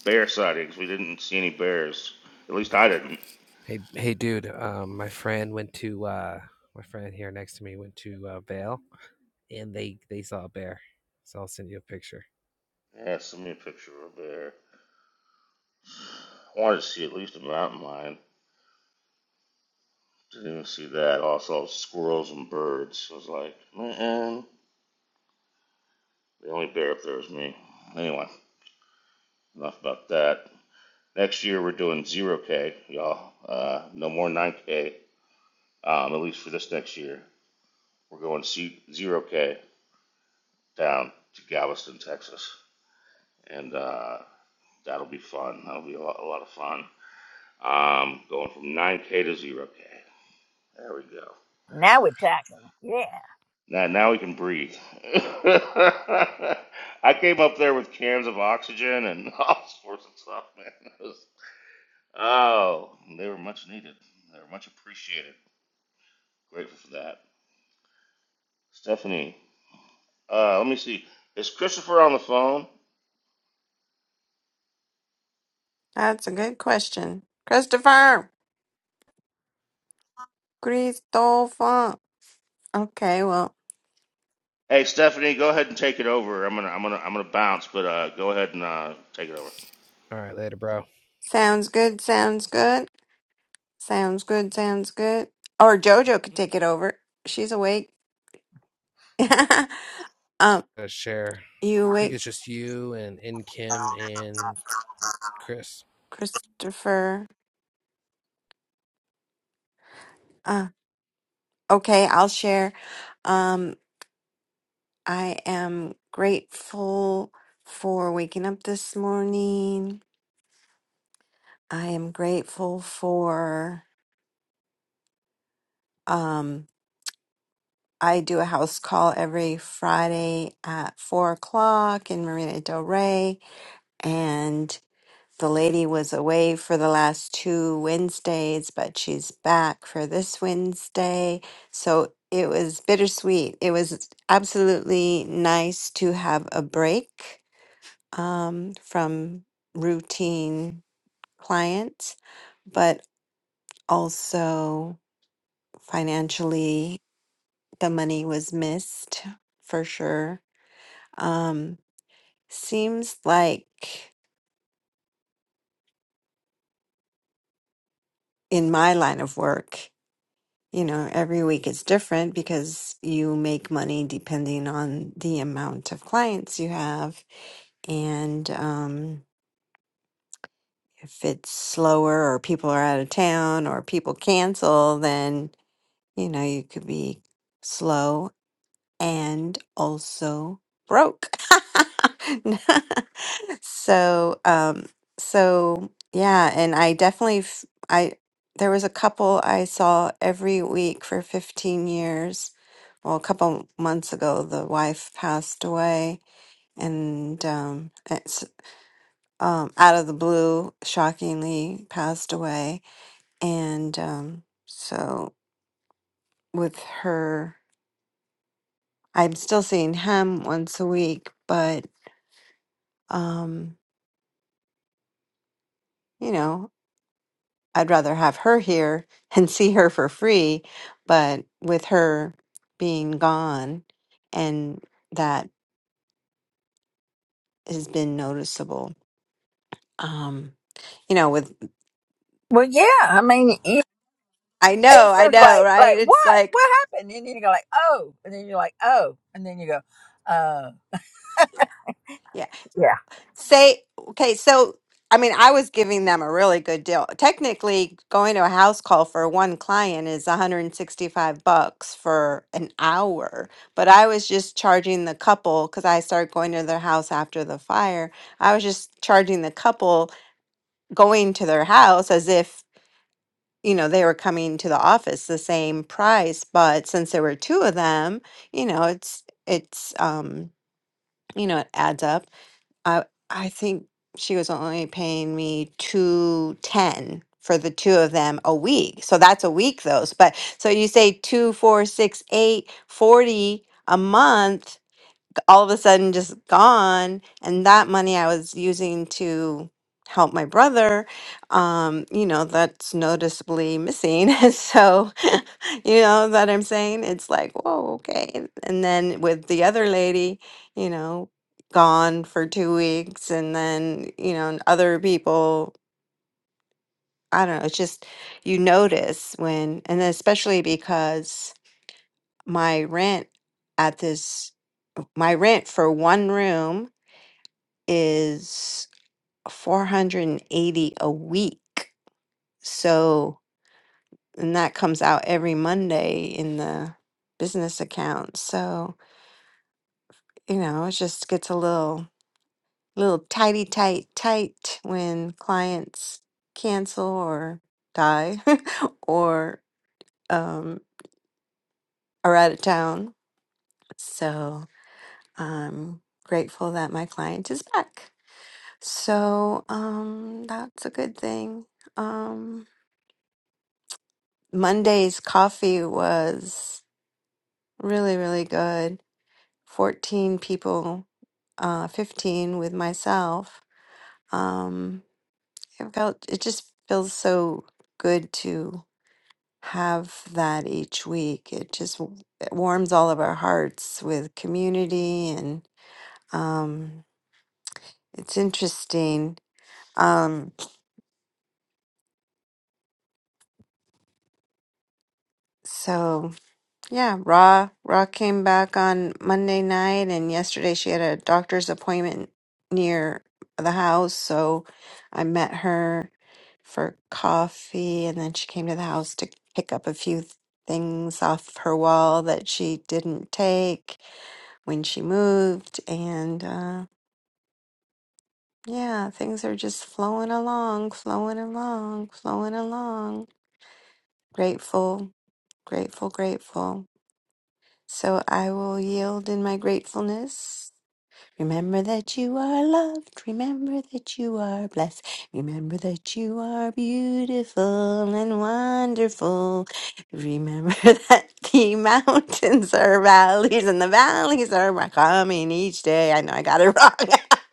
S5: bear sightings. We didn't see any bears. At least I didn't.
S12: hey, hey, dude. Um, my friend went to uh, my friend here next to me went to uh, Vale, and they they saw a bear. So I'll send you a picture.
S5: Yeah, send me a picture of a bear. I wanted to see at least a mountain lion. Didn't even see that. Also, squirrels and birds. I was like, man, the only bear up there was me. Anyway, enough about that. Next year we're doing zero K, y'all. Uh, no more nine K. Um, at least for this next year. We're going 0K down to Galveston, Texas. And uh, that'll be fun. That'll be a lot, a lot of fun. Um, going from 9K to 0K. There we go.
S1: Now we're talking. Yeah.
S5: Now, now we can breathe. I came up there with cans of oxygen and all sorts of stuff, man. was- oh, they were much needed. They were much appreciated. Grateful for that. Stephanie, uh, let me see. Is Christopher on the phone?
S4: That's a good question. Christopher. Christopher. Okay, well,
S5: Hey Stephanie, go ahead and take it over. I'm gonna I'm gonna I'm gonna bounce, but uh, go ahead and uh, take it over.
S12: All right, later, bro.
S4: sounds good, sounds good. Sounds good, sounds good. Or Jojo could take it over. She's awake. um,
S12: Uh, share. I
S4: you
S12: think
S4: awake,
S12: it's just you and and Kim and Chris.
S4: Christopher? Uh, okay, I'll share. Um, I am grateful for waking up this morning. I am grateful for um I do a house call every Friday at four o'clock in Marina Del Rey and the lady was away for the last two Wednesdays, but she's back for this Wednesday. So it was bittersweet. It was absolutely nice to have a break um, from routine clients, but also financially the money was missed for sure. Um, seems like in my line of work, you know, every week is different because you make money depending on the amount of clients you have. And um, if it's slower or people are out of town or people cancel, then, you know, you could be slow and also broke. so, um, so yeah, and I definitely, f- I there was a couple I saw every week for 15 years. Well, a couple months ago, the wife passed away, and um, it's um, out of the blue, shockingly passed away, and um, so with her, I'm still seeing him once a week, but um, you know, I'd rather have her here and see her for free, but with her being gone, and that has been noticeable. Um, you know, with
S1: Well, yeah, I mean, you-
S4: I
S1: it's
S4: know, I
S1: just
S4: know,
S1: like,
S4: right?
S1: like
S4: It's
S1: what?
S4: like,
S1: What happened? And then you go like, oh, and then you're like, oh, and then you go, oh.
S4: yeah,
S1: yeah.
S4: Say, okay, so I mean, I was giving them a really good deal. Technically, going to a house call for one client is 165 bucks for an hour, but I was just charging the couple because I started going to their house after the fire. I was just charging the couple going to their house as if, you know, they were coming to the office the same price, but since there were two of them, you know, it's it's um, you know, it adds up. I I think she was only paying me two ten for the two of them a week. So that's a week those. But so you say two, four, six, eight, forty a month all of a sudden just gone and that money i was using to help my brother um you know that's noticeably missing And so you know that i'm saying it's like whoa okay and then with the other lady you know gone for two weeks and then you know and other people i don't know it's just you notice when and especially because my rent at this my rent for one room is 480 a week. So, and that comes out every Monday in the business account. So, you know, it just gets a little little tighty tight tight when clients cancel or die or um are out of town. So, I'm grateful that my client is back. So, um that's a good thing. Um Monday's coffee was really, really good. 14 people, uh, 15 with myself. Um, it felt, it just feels so good to have that each week. It just w- it warms all of our hearts with community and um, it's interesting. Um, so Yeah, Ra Ra came back on Monday night, and yesterday she had a doctor's appointment near the house, so I met her for coffee, and then she came to the house to pick up a few th- things off her wall that she didn't take when she moved, and uh, yeah, things are just flowing along, flowing along, flowing along. Grateful, grateful, grateful. So I will yield in my gratefulness. Remember that you are loved. Remember that you are blessed. Remember that you are beautiful and wonderful. Remember that the mountains are valleys and the valleys are coming each day. I know I got it wrong.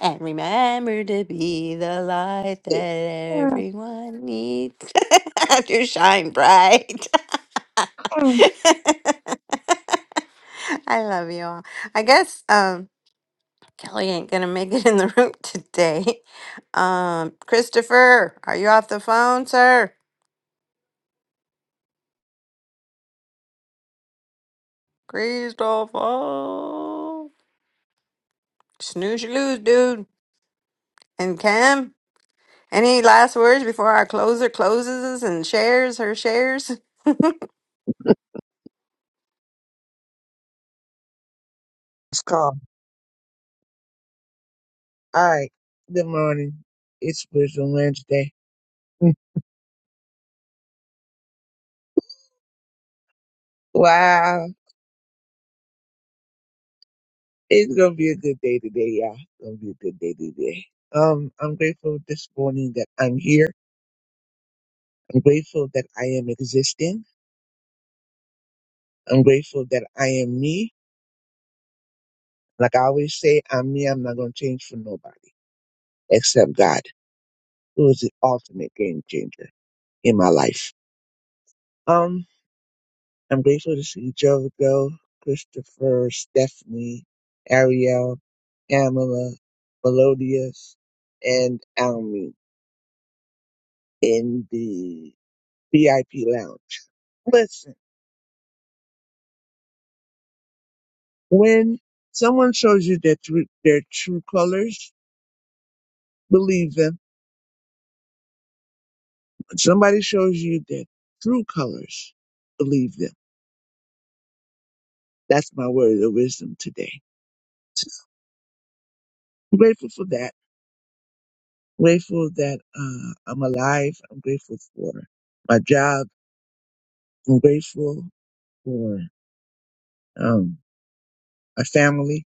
S4: and remember to be the light that
S13: Yeah,
S4: everyone needs to shine bright. I love you all. I guess um, Kelly ain't gonna make it in the room today. Um, Christopher, are you off the phone, sir? Christopher, snooze you lose, dude. And Cam, any last words before our closer closes and shares her shares?
S13: It's called. All right. Good morning. It's Spiritual Wednesday. Wow. It's gonna be a good day today, y'all. It's gonna be a good day today. Um, I'm grateful this morning that I'm here. I'm grateful that I am existing. I'm grateful that I am me. Like I always say, I'm me. I'm not gonna change for nobody except God, who is the ultimate game changer in my life. Um, I'm grateful to see Jovico, Christopher, Stephanie, Ariel, Pamela, Melodious, and Almy in the VIP lounge. Listen, when someone shows you their true, their true colors, believe them. When somebody shows you their true colors, believe them. That's my word of wisdom today. I'm grateful for that. Grateful that uh, I'm alive. I'm grateful for my job I'm grateful for um, my family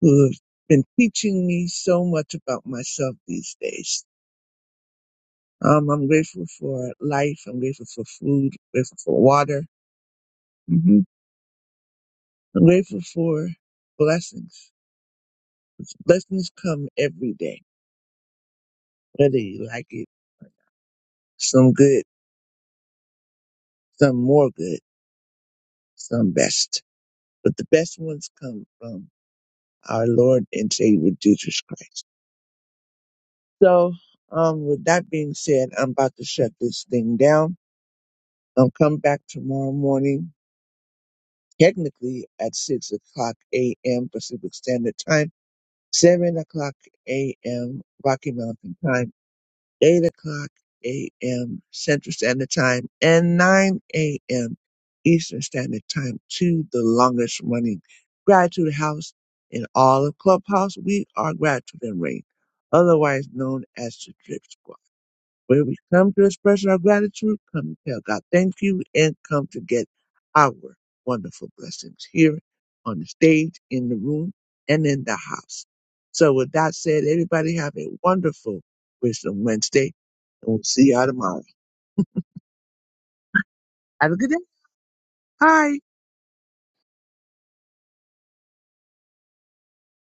S13: who have been teaching me so much about myself these days. Um, I'm grateful for life. I'm grateful for food. grateful for water. hmm I'm grateful for blessings. Blessings come every day, whether you like it. Some good, some more good, some best. But the best ones come from our Lord and Savior Jesus Christ. So, um, with that being said, I'm about to shut this thing down. I'll come back tomorrow morning, technically at 6 o'clock a.m. Pacific Standard Time, 7 o'clock a.m. Rocky Mountain Time, 8 o'clock a.m. Central Standard Time, and 9 a.m. Eastern Standard Time to the longest running Gratitude House in all of Clubhouse. We are Gratitude and Rain, otherwise known as the Drip Squad. Where we come to express our gratitude, come to tell God thank you, and come to get our wonderful blessings here on the stage, in the room, and in the house. So with that said, everybody have a wonderful Wisdom Wednesday, and we'll see y'all tomorrow. Have a good day. Bye.